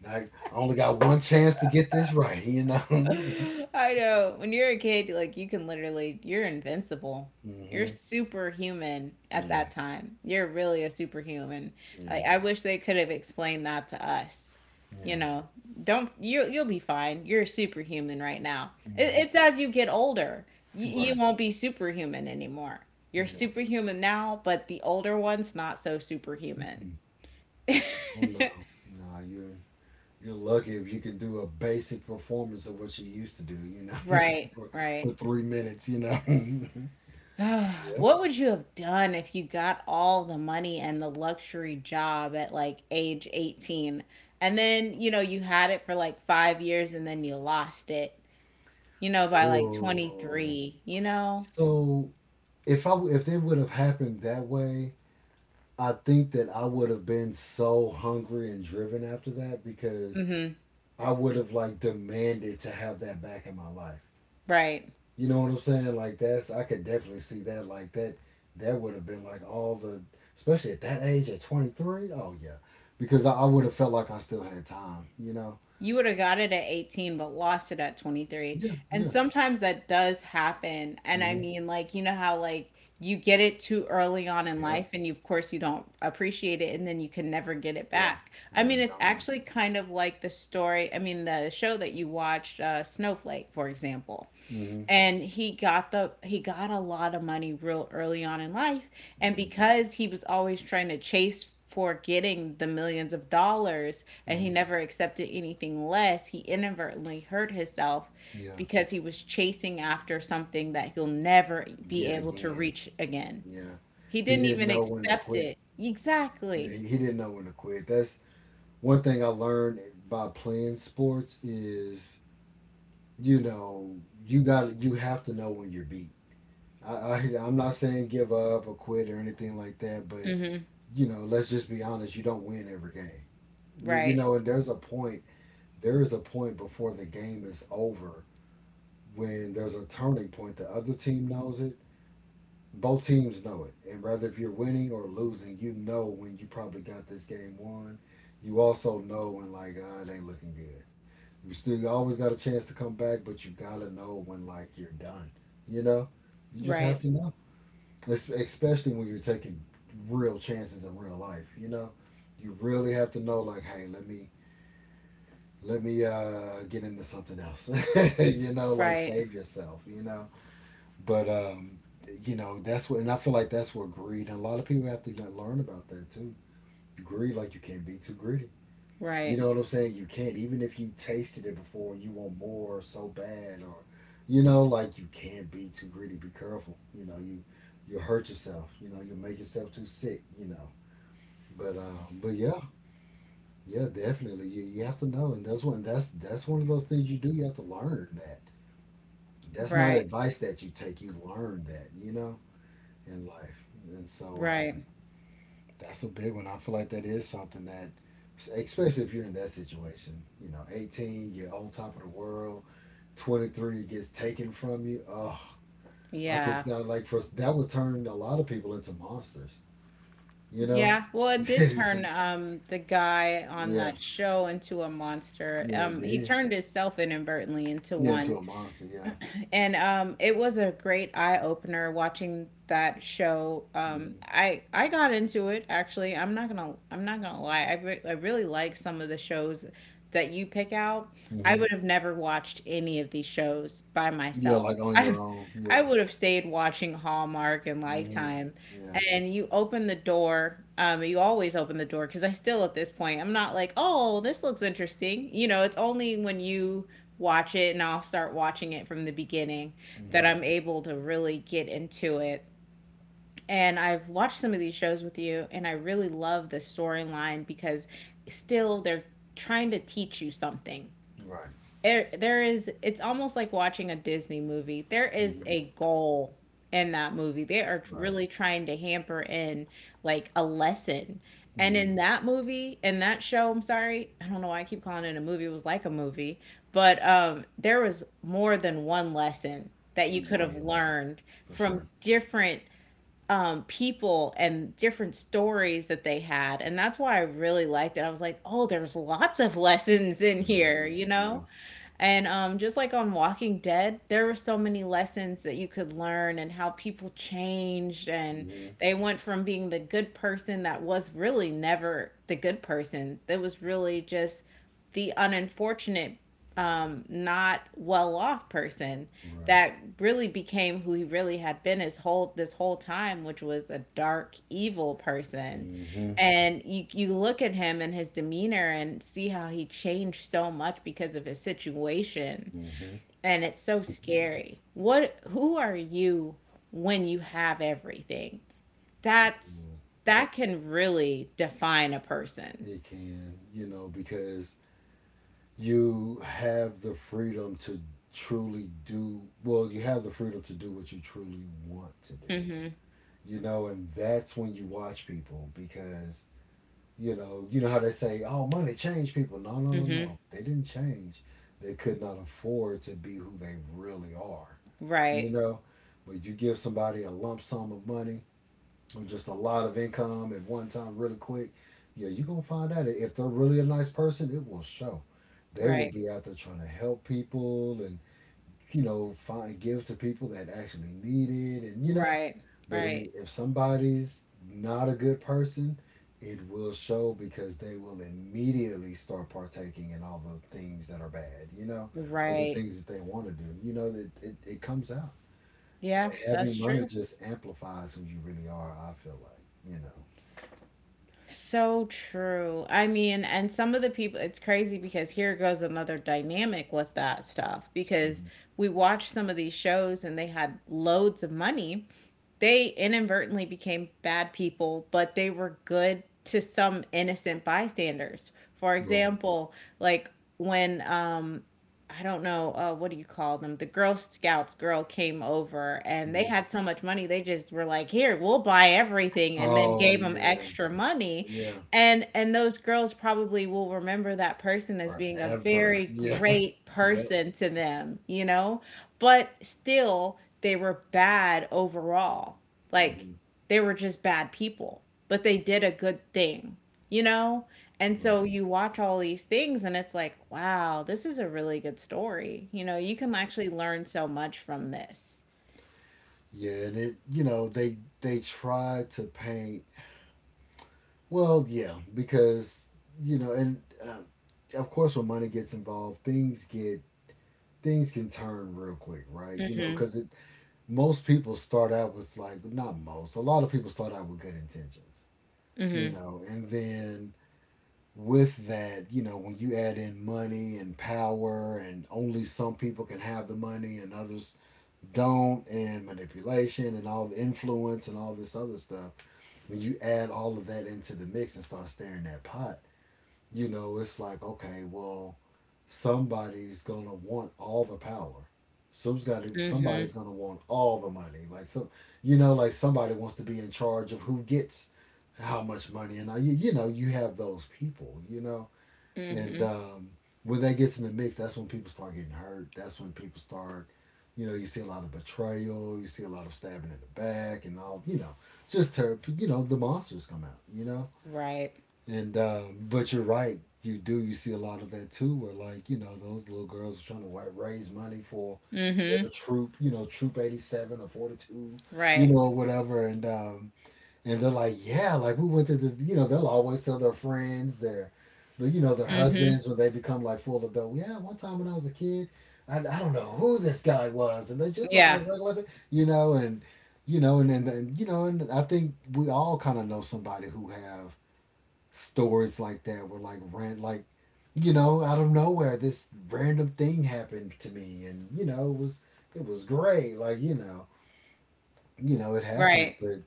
S2: Like, I only got one chance to get this right. You know.
S1: <laughs>
S2: <laughs>
S1: I know. When you're a kid, like, you can literally, you're invincible. You're
S2: Hmm.
S1: superhuman at
S2: Yeah.
S1: that time. You're really a superhuman.
S2: Yeah.
S1: Like, I wish they could have explained that to us. You
S2: Yeah.
S1: know, don't you you'll be fine. You're superhuman right now. It,
S2: Hmm.
S1: it's as you get older, you, you
S2: Right.
S1: won't be superhuman anymore. You're
S2: Yeah.
S1: superhuman now, but the older one's not so superhuman.
S2: Mm-mm. Oh
S1: <laughs>
S2: no. No, you're you're lucky if you can do a basic performance of what you used to do, you know, <laughs>
S1: Right,
S2: for,
S1: right.
S2: for three minutes, you know. <laughs> Yeah.
S1: <sighs> what would you have done if you got all the money and the luxury job at like age eighteen, and then you know you had it for like five years, and then you lost it, you know, by like
S2: Oh.
S1: twenty-three, you know?
S2: So if I w- if it would have happened that way, I think that I would have been so hungry and driven after that because
S1: Mm-hmm.
S2: I would have like demanded to have that back in my life.
S1: Right.
S2: You know what I'm saying? Like that's I could definitely see that. Like that that would have been like all the especially at that age at twenty-three. Oh yeah, because I, I would have felt like I still had time. You know?
S1: You would have got it at eighteen but lost it at twenty-three,
S2: Yeah,
S1: and
S2: yeah.
S1: sometimes that does happen. And I
S2: Mm-hmm.
S1: mean, like, you know how, like, you get it too early on in
S2: Yep.
S1: life, and you, of course you don't appreciate it, and then you can never get it
S2: Yeah.
S1: back. I
S2: There's
S1: mean, it's
S2: Dawn.
S1: actually kind of like the story, I mean the show that you watched, uh, Snowflake, for example.
S2: Mm-hmm.
S1: And he got the he got a lot of money real early on in life, and
S2: Mm-hmm.
S1: because he was always trying to chase for getting the millions of dollars, and he
S2: Hmm.
S1: never accepted anything less, he inadvertently hurt himself
S2: Yeah.
S1: because he was chasing after something that he'll never be
S2: Yet
S1: able to
S2: again.
S1: reach again.
S2: Yeah.
S1: He
S2: He
S1: didn't
S2: didn't
S1: even
S2: know when to
S1: accept
S2: quit.
S1: it,
S2: Yeah,
S1: exactly.
S2: he, he didn't know when to quit. That's one thing I learned by playing sports is you know you got to you have to know when you're beat. I, I I'm not saying give up or quit or anything like that, but
S1: Hmm.
S2: you know, let's just be honest. You don't win every game. You, you
S1: Right.
S2: know, and there's a point. There is a point before the game is over when there's a turning point. The other team knows it. Both teams know it. And whether if you're winning or losing, you know when you probably got this game won. You also know when like ah, it ain't looking good. You still you always got a chance to come back, but you gotta know when like you're done. You know, you just
S1: Right.
S2: have to know especially when you're taking real chances in real life. You know, you really have to know like, hey, let me let me uh, get into something else. <laughs> You know, like
S1: Right.
S2: save yourself. You know, but um, you know that's what, and I feel like that's what greed. And a lot of people have to learn about that too. Greed, like you can't be too greedy. You
S1: Right.
S2: know what I'm saying? You can't, even if you tasted it before and you want more so bad, or you know, like you can't be too greedy. Be careful. You know, you you'll hurt yourself. You know, you'll make yourself too sick. You know, but uh, but yeah, yeah, definitely. You you have to know, and that's one that's that's one of those things you do. You have to learn that. That's not
S1: Right.
S2: advice that you take. You learn that. You know, in life, and so uh,
S1: Right.
S2: that's a big one. I feel like that is something that, especially if you're in that situation, you know, eighteen, you're on top of the world, twenty-three gets taken from you. Oh, I could
S1: Yeah.
S2: that like for that would turn a lot of people into monsters, you know?
S1: Yeah, well, it
S2: <laughs>
S1: did
S2: Yeah,
S1: turn um the guy on that show into a monster.
S2: yeah, it
S1: Um he
S2: did.
S1: turned himself inadvertently into
S2: Yeah, into
S1: one.
S2: a monster. Yeah.
S1: And um it was a great eye opener watching that show. Um
S2: Mm-hmm.
S1: I I got into it, actually. I'm not gonna I'm not gonna lie. I re I really like some of the shows that you pick out. I
S2: Mm-hmm.
S1: would have never watched any of these shows by
S2: Yeah,
S1: myself.
S2: like
S1: <laughs>
S2: on your own.
S1: I
S2: Yeah.
S1: would have stayed watching Hallmark and
S2: Mm-hmm.
S1: Lifetime.
S2: Yeah.
S1: And you open the door. Um, you always open the door because I still, at this point, I'm not like, oh, this looks interesting. You know, it's only when you watch it, and I'll start watching it from the beginning that
S2: Mm-hmm.
S1: I'm able to really get into it. And I've watched some of these shows with you, and I really love the storyline because still, they're trying to teach you something
S2: Right.
S1: there. There is It's almost like watching a Disney movie. There is
S2: Hmm.
S1: a goal in that movie. They are
S2: Right.
S1: really trying to hamper in like a lesson. And
S2: Mm-hmm.
S1: in that movie, in that show, I'm sorry, I don't know why I keep calling it a movie. It was like a movie, but um, there was more than one lesson that you
S2: Mm-hmm.
S1: could
S2: Oh
S1: have
S2: yeah,
S1: learned
S2: for sure.
S1: from different um, people and different stories that they had. And that's why I really liked it. I was like, oh, there's lots of lessons in here,
S2: Mm-hmm.
S1: you
S2: Yeah.
S1: know? And um, just like on Walking Dead, there were so many lessons that you could learn, and how people changed, and
S2: Mm-hmm.
S1: they went from being the good person that was really never the good person. That was really just the unfortunate um, not well off person
S2: Right.
S1: that really became who he really had been his whole this whole time, which was a dark, evil person.
S2: hmm
S1: And you you look at him and his demeanor and see how he changed so much because of his situation,
S2: hmm
S1: and it's so scary. What Who are you when you have everything? That's
S2: That
S1: that can really define a person.
S2: it can, you know, because you have the freedom to truly do, well, you have the freedom to do what you truly want to do,
S1: Mhm.
S2: you know, and that's when you watch people because, you know, you know how they say, oh, money changed people. No, no, no,
S1: Mhm.
S2: no. They didn't change. They could not afford to be who they really are, you
S1: Right.
S2: know, but you give somebody a lump sum of money or just a lot of income at one time really quick, yeah, you're gonna find out if they're really a nice person, it will show. They will
S1: Right.
S2: be out there trying to help people and you know find give to people that actually need it, and you know.
S1: Right,
S2: But
S1: right,
S2: i- if somebody's not a good person, it will show because they will immediately start partaking in all the things that are bad, you know, or the
S1: right.
S2: things that they want to do. You know that it, it comes out.
S1: Yeah, that's
S2: Having money
S1: true.
S2: just amplifies who you really are. I feel like you know.
S1: So true. I mean, and some of the people, it's crazy because here goes another dynamic with that stuff because
S2: Mhm.
S1: we watched some of these shows, and they had loads of money. They inadvertently became bad people, but they were good to some innocent bystanders. For
S2: Right.
S1: example, like, when um I don't know, uh, what do you call them. The Girl Scouts girl came over, and they
S2: Mhm.
S1: had so much money. They just were like, "Here, we'll buy everything," and then
S2: Oh,
S1: gave them
S2: yeah.
S1: extra money.
S2: Yeah.
S1: And and those girls probably will remember that person as being a
S2: Forever.
S1: very
S2: Yeah. <laughs>
S1: great
S2: Yep.
S1: person to them, you know. But still, they were bad overall. Like,
S2: Hmm.
S1: they were just bad people, but they did a good thing, you know? And
S2: Right.
S1: so you watch all these things, and it's like, wow, this is a really good story. You know, you can actually learn so much from this.
S2: Yeah, and it, you know, they they try to paint. Well, yeah, because you know, and um, of course, when money gets involved, things get things can turn real quick, right? You know, because it most people start out with like not most, a lot of people start out with good intentions,
S1: Mm-hmm.
S2: you know, and then with that, you know, when you add in money and power, and only some people can have the money and others don't, and manipulation and all the influence and all this other stuff, when you add all of that into the mix and start stirring that pot, you know, it's like, okay, well, somebody's going to want all the power. Some's got to,
S1: Mm-hmm.
S2: somebody's gonna want all the money. Like some, you know, like somebody wants to be in charge of who gets how much money, and you, you know, you have those people, you know, and
S1: Mm-hmm.
S2: um, when that gets in the mix, that's when people start getting hurt. That's when people start, you know, you see a lot of betrayal. You see a lot of stabbing in the back and all, you know, just ter- you know, the monsters come out, you know.
S1: Right.
S2: And um, but you're right, you do. You see a lot of that too, where like you know those little girls were trying to wi- raise money for
S1: Mm-hmm.
S2: their troop, you know, troop eighty seven or forty two, you
S1: Right.
S2: know, whatever, and um, and they're like, yeah, like we went to this, you know, they'll always tell their friends, their, the- you know, their
S1: Mm-hmm.
S2: husbands when they become like full adult. Yeah, one time when I was a kid, I, I don't know who this guy was, and they just look
S1: Yeah.
S2: like regular, pe- you know, and you know, and then and, you know, and I think we all kind of know somebody who have stories like that where like ran like. You know, out of nowhere, this random thing happened to me, and you know, it was it was great. Like you know, you know, it happens,
S1: Right.
S2: but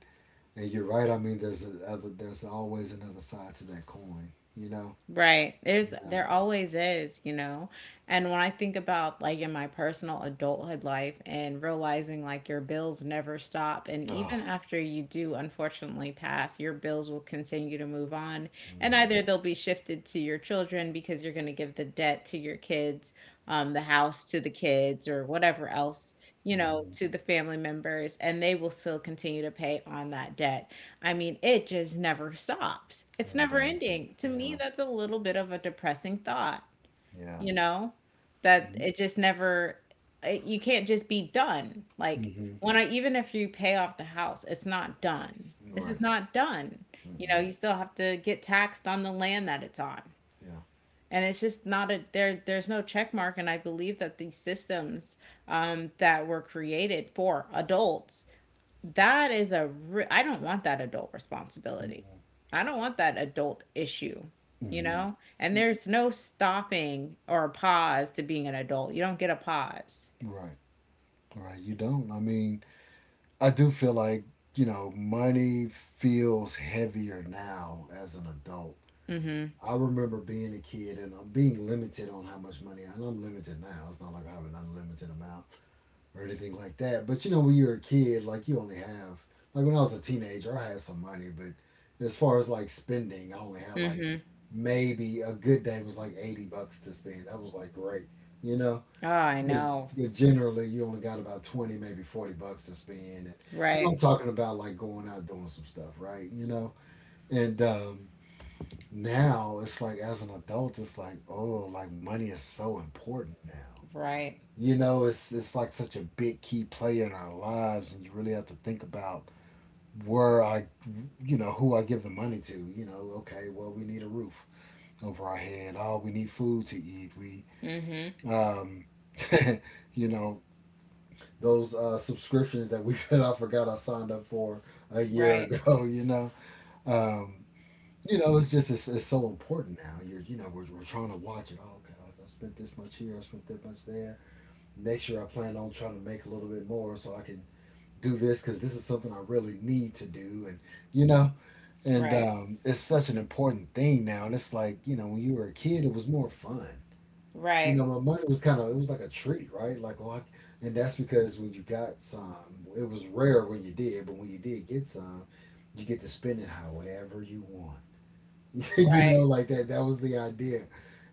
S2: and you're right. I mean, there's a other, there's always another side to that coin. You know.
S1: Right. There's
S2: Yeah.
S1: there always is, you know. And when I think about, like, in my personal adulthood life and realizing like your bills never stop, and even
S2: Oh.
S1: after you do, unfortunately, pass, your bills will continue to move on, and
S2: Mhm.
S1: either they'll be shifted to your children because you're going to give the debt to your kids, um the house to the kids or whatever else, you know,
S2: Mhm.
S1: to the family members, and they will still continue to pay on that debt. I mean, it just never stops. It's
S2: It
S1: never
S2: does.
S1: ending. To me,
S2: Yeah.
S1: that's a little bit of a depressing thought,
S2: Yeah.
S1: you know, that
S2: Mhm.
S1: it just never, it- you can't just be done. Like, when I, even if you pay off the house, it's not done. This
S2: Right.
S1: is not done. You know,
S2: Mm-mm.
S1: you still have to get taxed on the land that it's on,
S2: Yeah.
S1: and it's just not a there there's no check mark. And I believe that these systems um, that were created for adults, that is a re- I don't want that adult responsibility,
S2: Mm-mm.
S1: I don't want that adult issue, you
S2: Mhm.
S1: know? And
S2: Mm.
S1: there's no stopping or pause to being an adult. You don't get a pause.
S2: Right. Right. You don't. I mean, I do feel like you know, money feels heavier now as an adult. I remember being a kid and I'm being limited on how much money, and I'm limited now. It's not like I have an unlimited amount or anything like that. But you know, when you're a kid, like you only have like when I was a teenager, I had some money, but as far as like spending, I only had like maybe a good day was like eighty bucks to spend. That was like great, you know.
S1: Oh, I
S2: But
S1: know.
S2: but generally, you only got about twenty, maybe forty bucks to spend, and, and I'm
S1: Right.
S2: talking about like going out doing some stuff, right? You know, and um, now it's like as an adult, it's like oh, like money is so important now
S1: Right.
S2: you know, it's it's like such a big key player in our lives, and you really have to think about where I, you know, who I give the money to. You know, okay, well, we need a roof over our head. Oh, we need food to eat. We,
S1: Mm-hmm.
S2: um, <laughs> you know, those uh, subscriptions that we <laughs> that I forgot I signed up for a year <laughs>
S1: Right.
S2: ago. You know, um, you know, it's just it's, it's so important now. You're you know we're, we're trying to watch it. Oh, okay, I spent this much here. I spent that much there. Next year I plan on trying to make a little bit more so I can do this because this is something I really need to do. And, you know, and
S1: Right.
S2: um, it's such an important thing now. And it's like, you know, when you were a kid, it was more fun. You know,
S1: Right.
S2: my money was kind of, it was like a treat, right? Like, oh, I, and that's because when you got some, it was rare when you did, but when you did get some, you get to spend it however you want. <laughs> you know,
S1: Right.
S2: like that, that was the idea.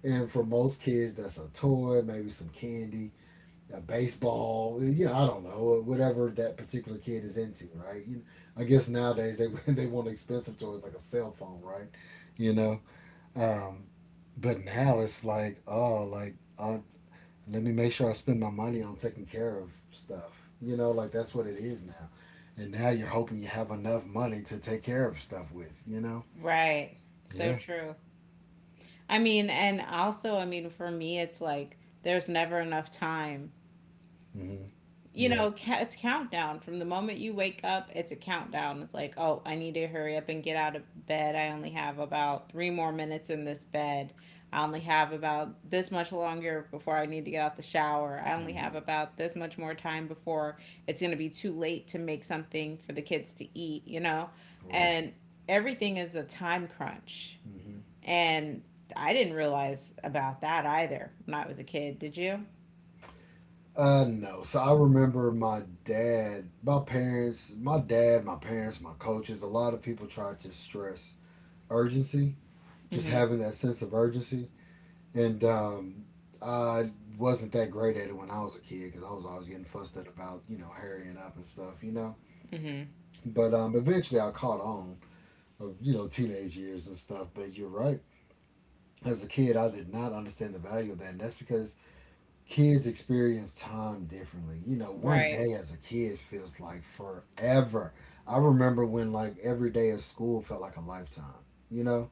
S2: And for most kids, that's a toy, maybe some candy uh, baseball, you know, I don't know, whatever that particular kid is into, right? You know, I guess nowadays they <laughs> they want expensive toys like a cell phone, right? You know, um, but now it's like, oh, like I let me make sure I spend my money on taking care of stuff. You know, like that's what it is now. And now you're hoping you have enough money to take care of stuff with. You know?
S1: Right. So
S2: Yeah.
S1: true. I mean, and also, I mean, for me, it's like there's never enough time.
S2: Hmm.
S1: You
S2: Yeah.
S1: know, ca- it's countdown from the moment you wake up. It's a countdown. It's like, oh, I need to hurry up and get out of bed. I only have about three more minutes in this bed. I only have about this much longer before I need to get out the shower. I only have
S2: Hmm.
S1: about this much more time before it's going to be too late to make something for the kids to eat, you know?
S2: Right.
S1: And everything is a time crunch.
S2: Hmm.
S1: And I didn't realize about that either when I was a kid. Did you?
S2: Uh, no. So I remember my dad, my parents, my dad, my parents, my coaches. A lot of people try to stress urgency, just
S1: Hmm.
S2: having that sense of urgency. And um, I wasn't that great at it when I was a kid because I was always getting fussed at about you know hurrying up and stuff, you know.
S1: Hmm.
S2: But um, eventually I caught on of you know teenage years and stuff. But you're right. As a kid, I did not understand the value of that, and that's because kids experience time differently. You know, one
S1: Right.
S2: day as a kid feels like forever. I remember when like every day of school felt like a lifetime. You know,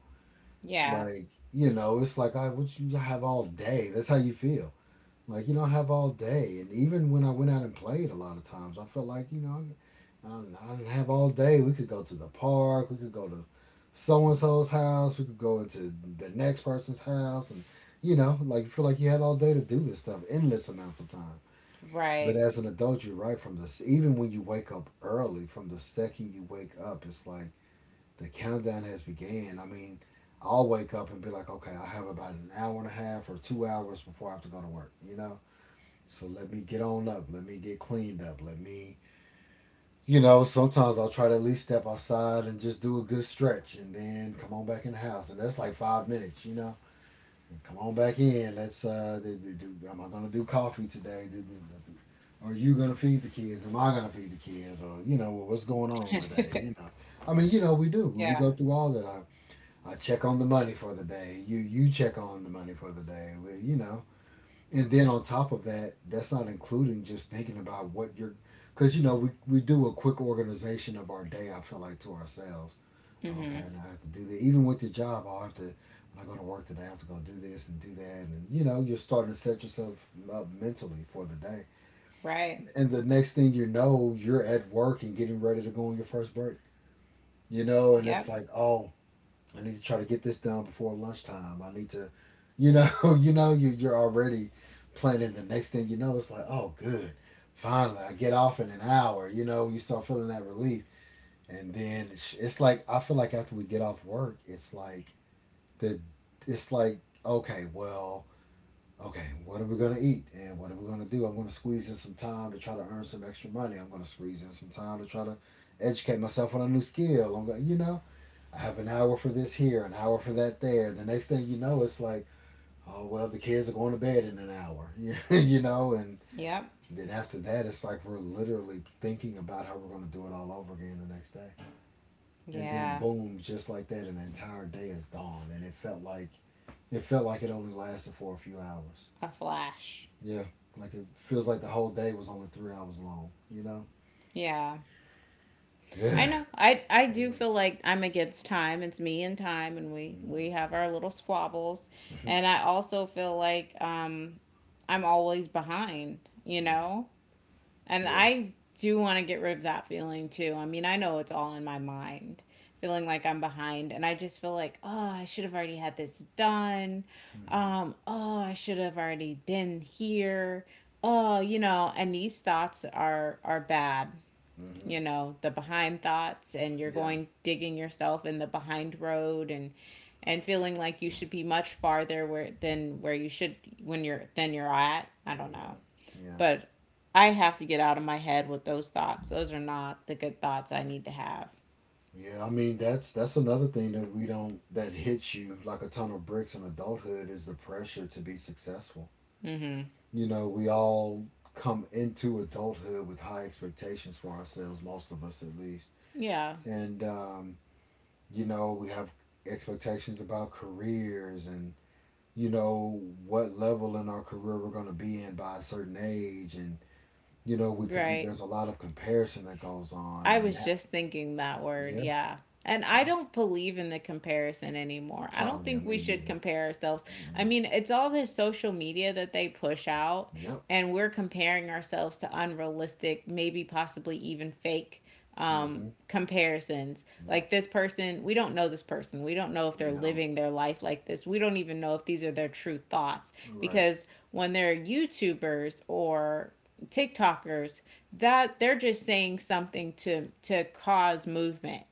S1: Yeah.
S2: like you know, it's like I what you have all day. That's how you feel. Like, you know, I have all day. And even when I went out and played a lot of times, I felt like, you know, um, I didn't have all day. We could go to the park. We could go to so and so's house. We could go into the next person's house. And, you know, like, you feel like you had all day to do this stuff, endless amounts of time. But
S1: Right.
S2: as an adult, you're right from this. Even when you wake up early, from the second you wake up, it's like the countdown has began. I mean, I'll wake up and be like, okay, I have about an hour and a half or two hours before I have to go to work, you know? So let me get on up. Let me get cleaned up. Let me, you know, sometimes I'll try to at least step outside and just do a good stretch and then come on back in the house. And that's like five minutes, you know. Come on back in. Let's, uh, do, do, do- am I going to do coffee today? Do- do- do- do- Are you going to feed the kids? Am I going to feed the kids? Or, you know, what's going on today? You know,
S1: <laughs>
S2: I mean, you know, we do. We we go
S1: Yeah.
S2: through all that. I, I check on the money for the day. You, you check on the money for the day. We, you know, and then on top of that, that's not including just thinking about what you're, because you know we, we do a quick organization of our day. I feel like to ourselves, okay,
S1: Hmm.
S2: now I have to do that. Even with your job, oh, I have to when I go to work today, I have to go do this and do that, and you know you're starting to set yourself up mentally for the day.
S1: Right.
S2: And the next thing you know, you're at work and getting ready to go on your first break. You know, and it's
S1: Yep.
S2: like, oh I need to try to get this done before lunchtime. I need to, you know, <laughs> you know, you you're already planning the next thing. You know, it's like, oh, good, finally, I get off in an hour. You know, you start feeling that relief, and then it's, it's like I feel like after we get off work, it's like the, it's like okay, well, okay, what are we gonna eat and what are we gonna do? I'm gonna squeeze in some time to try to earn some extra money. I'm gonna squeeze in some time to try to educate myself on a new skill. I'm gonna, you know I have an hour for this here, an hour for that there. The next thing you know, it's like, oh, well, the kids are going to bed in an hour, <laughs> you know? And
S1: Yep.
S2: then after that, it's like we're literally thinking about how we're going to do it all over again the next day. And then
S1: Yeah.
S2: boom, just like that, an entire day is gone. And it felt like, It felt like it only lasted for a few hours.
S1: A flash.
S2: Yeah. Like it feels like the whole day was only three hours long, you know?
S1: Yeah. I
S2: Yeah.
S1: know. I I do
S2: Yeah.
S1: feel like I'm against time. It's me and time, and we
S2: Hmm.
S1: we have our little squabbles. And I also feel like um I'm always behind, you
S2: <laughs> Yeah.
S1: know? And
S2: Yeah.
S1: I do want to get rid of that feeling too. I mean, I know it's all in my mind, feeling like I'm behind. And I just feel like, oh, I should have already had this done.
S2: Hmm.
S1: Um, oh, I should have already been here. Oh, you know, and these thoughts are are bad.
S2: Hmm.
S1: You know, the behind thoughts, and you're
S2: Yeah.
S1: going digging yourself in the behind road and and feeling like you should be much farther where than where you should when you're than you're at. I don't know,
S2: Hmm. Yeah.
S1: but I have to get out of my head with those thoughts. Those are not the good thoughts I need to have.
S2: Yeah, I mean that's that's another thing that we don't that hits you like a ton of bricks in adulthood is the pressure to be successful.
S1: Mm-hmm.
S2: You know, we all come into adulthood with high expectations for ourselves, most of us at least.
S1: Yeah,
S2: And um, you know, we have expectations about careers and you know what level in our career we're going to be in by a certain age and you know we can we,
S1: right.
S2: there's a lot of comparison that goes on
S1: I
S2: and
S1: was
S2: that
S1: just thinking that word,
S2: yeah.
S1: yeah. And I
S2: Yeah.
S1: don't believe in the comparison anymore. I don't
S2: Oh yeah,
S1: think we
S2: me
S1: should
S2: either.
S1: compare ourselves. I
S2: Mm-mm.
S1: mean, it's all this social media that they push out,
S2: Yep.
S1: and we're comparing ourselves to unrealistic, maybe possibly even fake um,
S2: Mm-hmm.
S1: comparisons.
S2: Yep.
S1: Like, this person, we don't know this person. We don't know if
S2: We
S1: they're
S2: don't.
S1: living their life like this. We don't even know if these are their true thoughts,
S2: Right.
S1: because when they're YouTubers or TikTokers, that they're just saying something to to cause movement.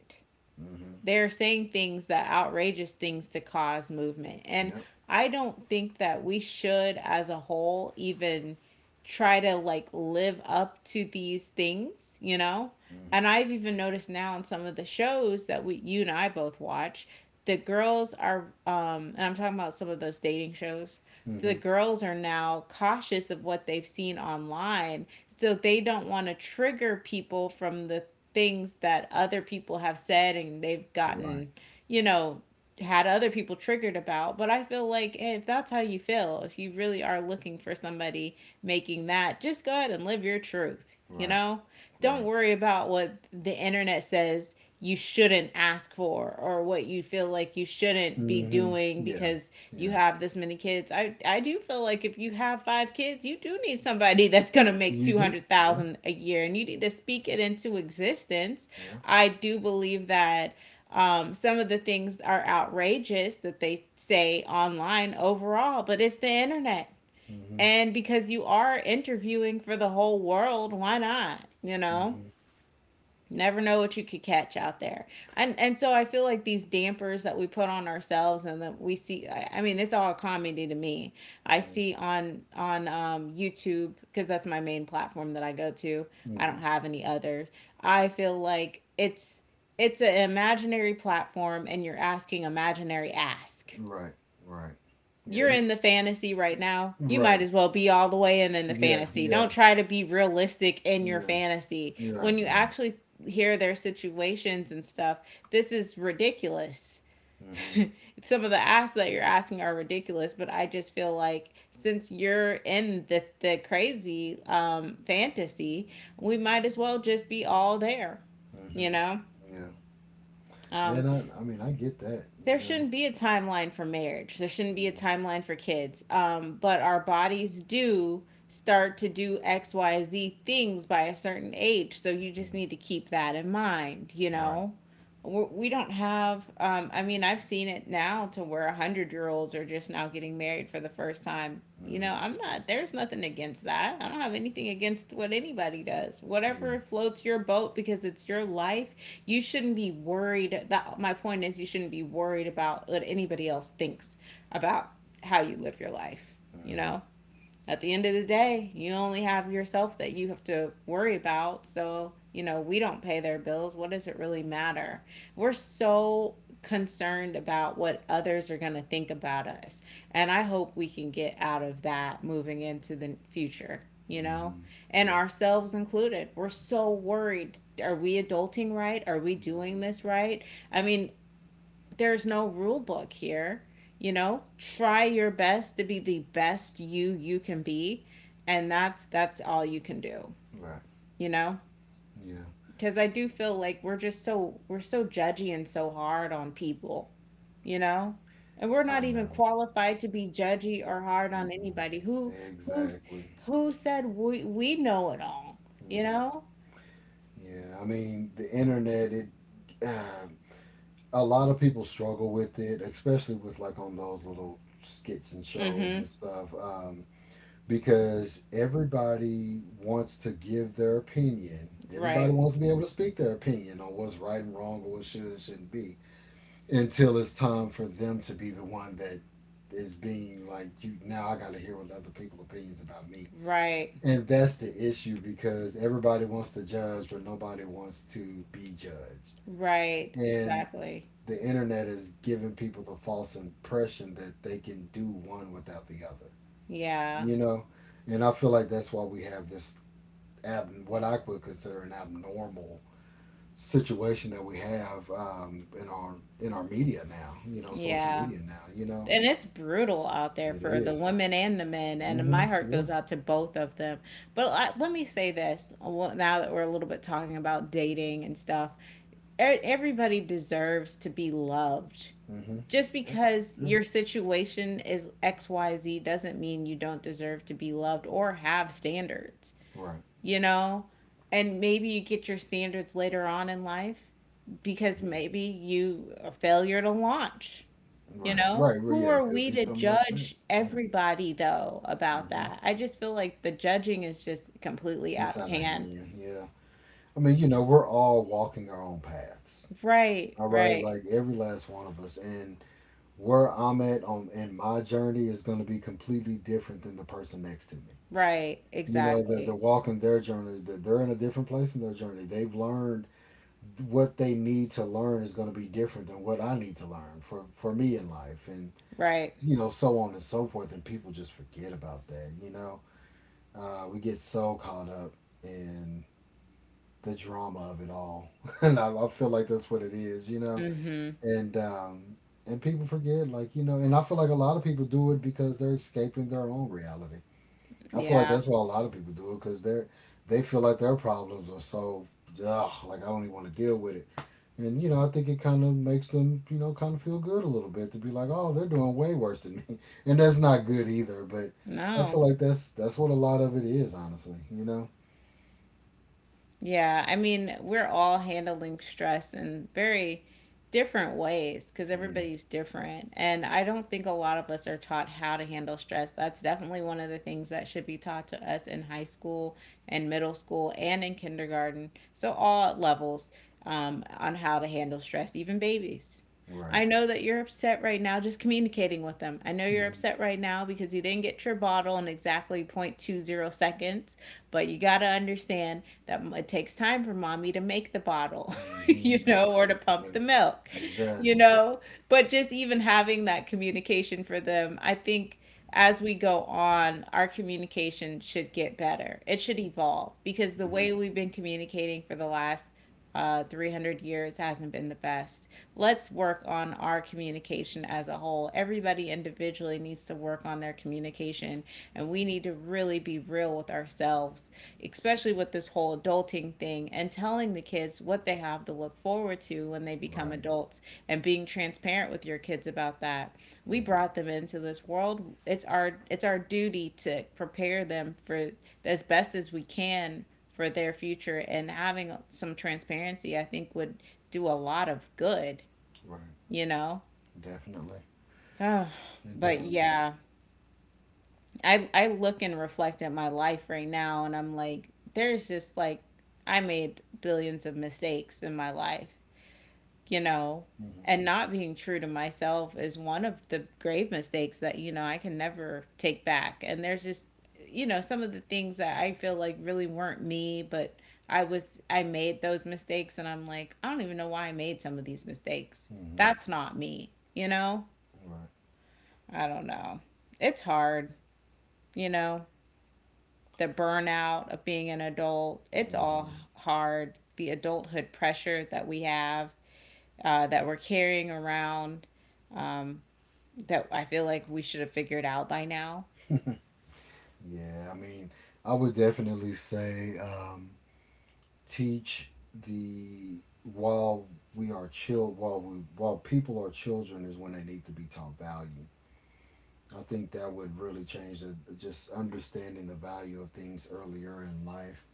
S2: Mm-hmm.
S1: They're saying things that outrageous things to cause movement, and
S2: Yep.
S1: I don't think that we should as a whole even try to, like, live up to these things, you know?
S2: Mm-hmm.
S1: And I've even noticed now on some of the shows that we, you and i both watch, the girls are um and I'm talking about some of those dating shows — the
S2: Mm-hmm.
S1: girls are now cautious of what they've seen online, so they don't want to trigger people from the things that other people have said and they've
S2: Right.
S1: gotten, you know, had other people triggered about. But I feel like, eh, if that's how you feel, if you really are looking for somebody making that, just go ahead and live your truth, you
S2: Right.
S1: know? Don't
S2: Right.
S1: worry about what the internet says you shouldn't ask for, or what you feel like you shouldn't be
S2: Mm-hmm.
S1: doing
S2: Yeah.
S1: because you
S2: Yeah.
S1: have this many kids. I I do feel like if you have five kids, you do need somebody <laughs> that's going to make
S2: You do. Yeah.
S1: two hundred thousand a year, and you need to speak it into existence.
S2: Yeah.
S1: I do believe that um, some of the things are outrageous that they say online overall, but it's the internet.
S2: Mm-hmm.
S1: And because you are interviewing for the whole world, why not? You know?
S2: Mm-hmm.
S1: Never know what you could catch out there. And and so I feel like these dampers that we put on ourselves, and that we see, i, I mean, it's all comedy to me. I see on on um, YouTube, because that's my main platform that I go to. I
S2: Mm-hmm.
S1: don't have any others. I feel like it's it's an imaginary platform, and you're asking imaginary ask.
S2: Right. Right. Yeah.
S1: You're
S2: It,
S1: in the fantasy right
S2: it,
S1: now. You might
S2: right.
S1: as well be all the way in in the
S2: Yeah.
S1: fantasy.
S2: Yeah.
S1: Don't try to be realistic in your
S2: Yeah.
S1: fantasy.
S2: You're right.
S1: When you
S2: Right.
S1: actually hear their situations and stuff, this is ridiculous.
S2: Mm-hmm.
S1: Some of the asks that you're asking are ridiculous, but I just feel like since you're in the, the crazy um, fantasy, we might as well just be all there,
S2: Mm-hmm.
S1: you know?
S2: Yeah. Yeah. And
S1: Um,
S2: I, I mean, I get that, you
S1: there
S2: know.
S1: shouldn't be a timeline for marriage. There shouldn't be a
S2: Mm-hmm.
S1: timeline for kids. Um, but our bodies do start to do X, Y, Z things by a certain age. So you just need to keep that in mind, you
S2: Right.
S1: know? We're, we we do not have. Um, I mean, I've seen it now to where one hundred year olds are just now getting married for the first time. You know,
S2: Mm-hmm.
S1: I'm not. There's nothing against that. I don't have anything against what anybody does.
S2: Yeah.
S1: Whatever floats your boat, because it's your life. You shouldn't be worried. That, my point is, you shouldn't be worried about what anybody else thinks about how you live your life. You
S2: Mm-hmm.
S1: know, at the end of the day, you only have yourself that you have to worry about. So, you know, we don't pay their bills. What does it really matter? We're so concerned about what others are going to think about us. And I hope we can get out of that moving into the future, you know,
S2: Mm-hmm.
S1: and
S2: Yeah.
S1: ourselves included. We're so worried. Are we adulting right? Are we doing
S2: Mm-hmm.
S1: this right? I mean, there's no rule book here. You know, try your best to be the best you you can be, and that's that's all you can do.
S2: Right.
S1: You know,
S2: Yeah.
S1: because I do feel like we're just so we're so judgy and so hard on people. You know, and we're not
S2: I
S1: even
S2: know.
S1: qualified to be judgy or hard on
S2: Mm-mm.
S1: anybody. Who who's
S2: Exactly.
S1: who said we we know it all? You
S2: Hmm.
S1: know.
S2: Yeah. I mean, the internet. It. Uh, a lot of people struggle with it, especially with like on those little skits and shows
S1: Mhm.
S2: and stuff, um, because everybody wants to give their opinion. Everybody
S1: Right.
S2: wants to be able to speak their opinion on what's right and wrong or what should and shouldn't be until it's time for them to be the one that is being like you, now I got to hear what other people's opinions about me.
S1: Right.
S2: And that's the issue because everybody wants to judge, but nobody wants to be judged.
S1: Right.
S2: And
S1: Exactly.
S2: the internet is giving people the false impression that they can do one without the other,
S1: Yeah.
S2: you know? And I feel like that's why we have this ab- what I would consider an abnormal situation that we have um, in our in our media now, you know, social
S1: Yeah.
S2: media now, you know,
S1: And it's brutal out there
S2: it
S1: for the
S2: is.
S1: women and the men, and
S2: Mm-hmm.
S1: my heart
S2: Yeah.
S1: goes out to both of them. But I, let me say this well, now that we're a little bit talking about dating and stuff, e- everybody deserves to be loved.
S2: Mm-hmm.
S1: Just
S2: Yep. That's
S1: because
S2: true.
S1: your situation is X Y Z doesn't mean you don't deserve to be loved or have standards,
S2: Right.
S1: you know? And maybe you get your standards later on in life, because
S2: Mm-hmm.
S1: maybe you are a failure to launch, you
S2: Right,
S1: know,
S2: right, right. Yeah,
S1: who
S2: it
S1: are
S2: could
S1: we
S2: be
S1: to
S2: something like that.
S1: judge
S2: Right.
S1: everybody though about
S2: Hmm.
S1: that? I just feel like the judging is just completely
S2: It's
S1: out of
S2: out of
S1: hand.
S2: hand. Yeah. I mean, you know, we're all walking our own paths.
S1: Right,
S2: All right,
S1: right,
S2: like every last one of us, and where I'm at on in my journey is going to be completely different than the person next to me.
S1: right,
S2: You know, they're, they're
S1: exactly.
S2: walking their journey. They're, they're in a different place in their journey. They've learned what they need to learn is going to be different than what I need to learn for for me in life, and
S1: Right.
S2: you know, so on and so forth. And people just forget about that. You know, uh, we get so caught up in the drama of it all, <laughs> and I, I feel like that's what it is, you know.
S1: Mm-hmm.
S2: And um, and people forget, like you know, and I feel like a lot of people do it because they're escaping their own reality. I feel like
S1: Yeah.
S2: that's why a lot of people do it because they're they feel like their problems are so ugh, like I don't even want to deal with it. And you know, I think it kind of makes them, you know, kind of feel good a little bit to be like, oh, they're doing way worse than me, <laughs> and that's not good either. But I
S1: No.
S2: feel like that's that's what a lot of it is, honestly, you know.
S1: Yeah, I mean, we're all handling stress in very different ways, because
S2: Yeah,
S1: everybody's different. And I don't think a lot of us are taught how to handle stress. That's definitely one of the things that should be taught to us in high school and middle school and in kindergarten. So, all levels um, on how to handle stress, even babies.
S2: right.
S1: I know that you're upset right now, just communicating with them. I know you're
S2: Mm-hmm.
S1: upset right now because you didn't get your bottle in exactly point two zero seconds, but you got to understand that it takes time for mommy to make the bottle,
S2: I
S1: <laughs>
S2: know.
S1: you know, or to pump
S2: Yeah,
S1: the milk, you
S2: exactly.
S1: know? But just even having that communication for them, I think as we go on, our communication should get better. It should evolve, because the
S2: Hmm.
S1: way we've been communicating for the last uh, three hundred years hasn't been the best. Let's work on our communication as a whole. Everybody individually needs to work on their communication, and we need to really be real real with ourselves, especially with this whole adulting thing, and telling the kids what they have to look forward to when they become
S2: Right,
S1: adults, and being transparent with your kids about that. We brought them into this world. It's our it's our duty to prepare them for, as best as we can, for their future, and having some transparency, I think, would do a lot of good,
S2: right.
S1: you know.
S2: Definitely.
S1: <sighs>
S2: And
S1: But
S2: um,
S1: yeah, I I look and reflect at my life right now, and I'm like, there's just like, I made billions of mistakes in my life, you know,
S2: hmm,
S1: and not being true to myself is one of the grave mistakes that, you know, I can never take back. And there's just, you know, some of the things that I feel like really weren't me, but I was I made those mistakes, and I'm like, I don't even know why I made some of these mistakes.
S2: hmm,
S1: That's not me, you know?
S2: right.
S1: I don't know. It's hard, you know. The burnout of being an adult. It's
S2: Hmm.
S1: all hard. The adulthood pressure that we have, uh, that we're carrying around, um, that I feel like we should have figured out by now.
S2: <laughs> Yeah, I mean, I would definitely say um, teach the while we are chill while we while people are children is when they need to be taught value. I think that would really change the, just understanding the value of things earlier in life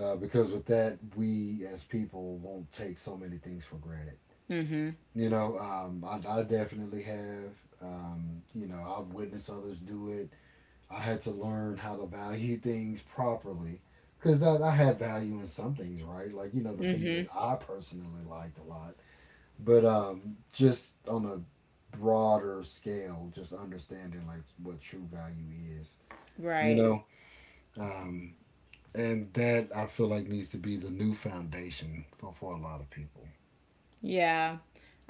S2: uh, because with that we as people won't take so many things for granted,
S1: Mm-hmm.
S2: you know. um, I, I definitely have, um, you know, I've witnessed others do it. I had to learn how to value things properly because I, I had value in some things, right, like you know the things that
S1: Mm-hmm.
S2: I personally liked a lot, but um, just on a broader scale just understanding like what true value is, you
S1: Right.
S2: know. um, and that I feel like needs to be the new foundation for, for a lot of people.
S1: Yeah.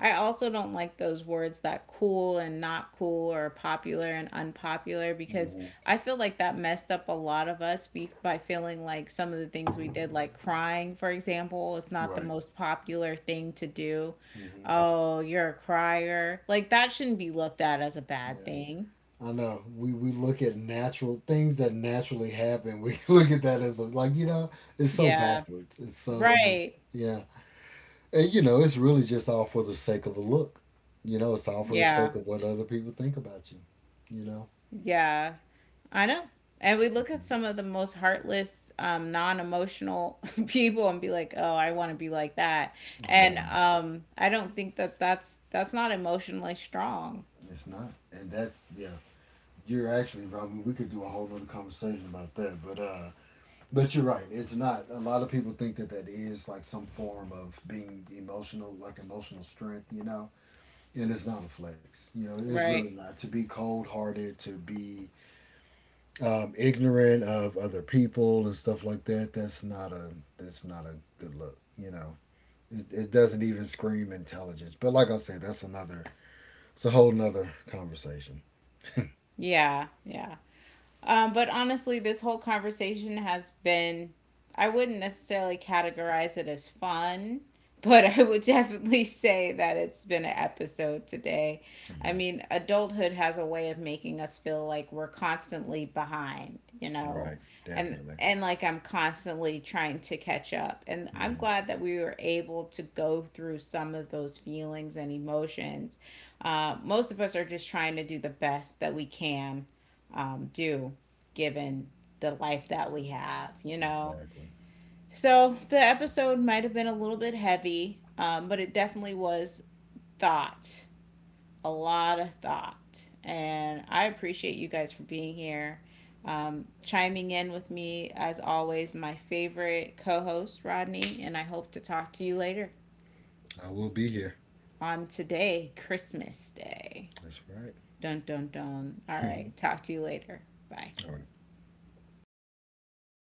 S1: I also don't like those words that cool and not cool or popular and unpopular, because
S2: Mm-hmm.
S1: I feel like that messed up a lot of us be- by feeling like some of the things we did, like crying, for example, is not the
S2: Right.
S1: most popular thing to do.
S2: Mm-hmm.
S1: Oh, you're a crier. Like, that shouldn't be looked at as a bad
S2: Yeah.
S1: thing.
S2: I know we, we look at natural things that naturally happen. We <laughs> look at that as a, like you know it's so
S1: Yeah.
S2: backwards. It's so
S1: Right.
S2: Yeah, and you know it's really just all for the sake of a look. You know, it's all for the
S1: Yeah.
S2: sake of what other people think about you. You know,
S1: Yeah, I know. And we look at some of the most heartless, um, non-emotional <laughs> people and be like, "Oh, I want to be like that."
S2: I
S1: And
S2: know
S1: um, I don't think that that's that's not emotionally strong,
S2: it's not, and that's yeah. You're actually right. I mean, we could do a whole other conversation about that, but uh, but you're right. It's not. A lot of people think that that is like some form of being emotional, like emotional strength, you know? And it's not a flex. You know, it's really
S1: right?
S2: not. To be cold hearted, to be um, ignorant of other people and stuff like that, that's not a that's not a good look, you know. It, it doesn't even scream intelligence. But like I said, that's another, it's a whole nother conversation.
S1: Yeah, yeah. Um, but honestly, this whole conversation has been, I wouldn't necessarily categorize it as fun, <laughs> but I would definitely say that it's been an episode today. I
S2: Hmm.
S1: mean, adulthood has a way of making us feel like we're constantly behind, you know,
S2: Right.
S1: and
S2: Definitely.
S1: and like I'm constantly trying to catch up. And I'm
S2: Hmm.
S1: glad that we were able to go through some of those feelings and emotions. Uh, most of us are just trying to do the best that we can um, do given the life that we have, you know?
S2: Exactly.
S1: So the episode might have been a little bit heavy, um, but it definitely was thought, a lot of thought. And I appreciate you guys for being here, um, chiming in with me, as always, my favorite co host, Rodney. And I hope to talk to you later
S2: I will be here.
S1: on today, Christmas Day.
S2: That's right.
S1: Dun dun dun. All right. Talk to you later.
S2: <laughs>
S1: Bye.
S2: All right.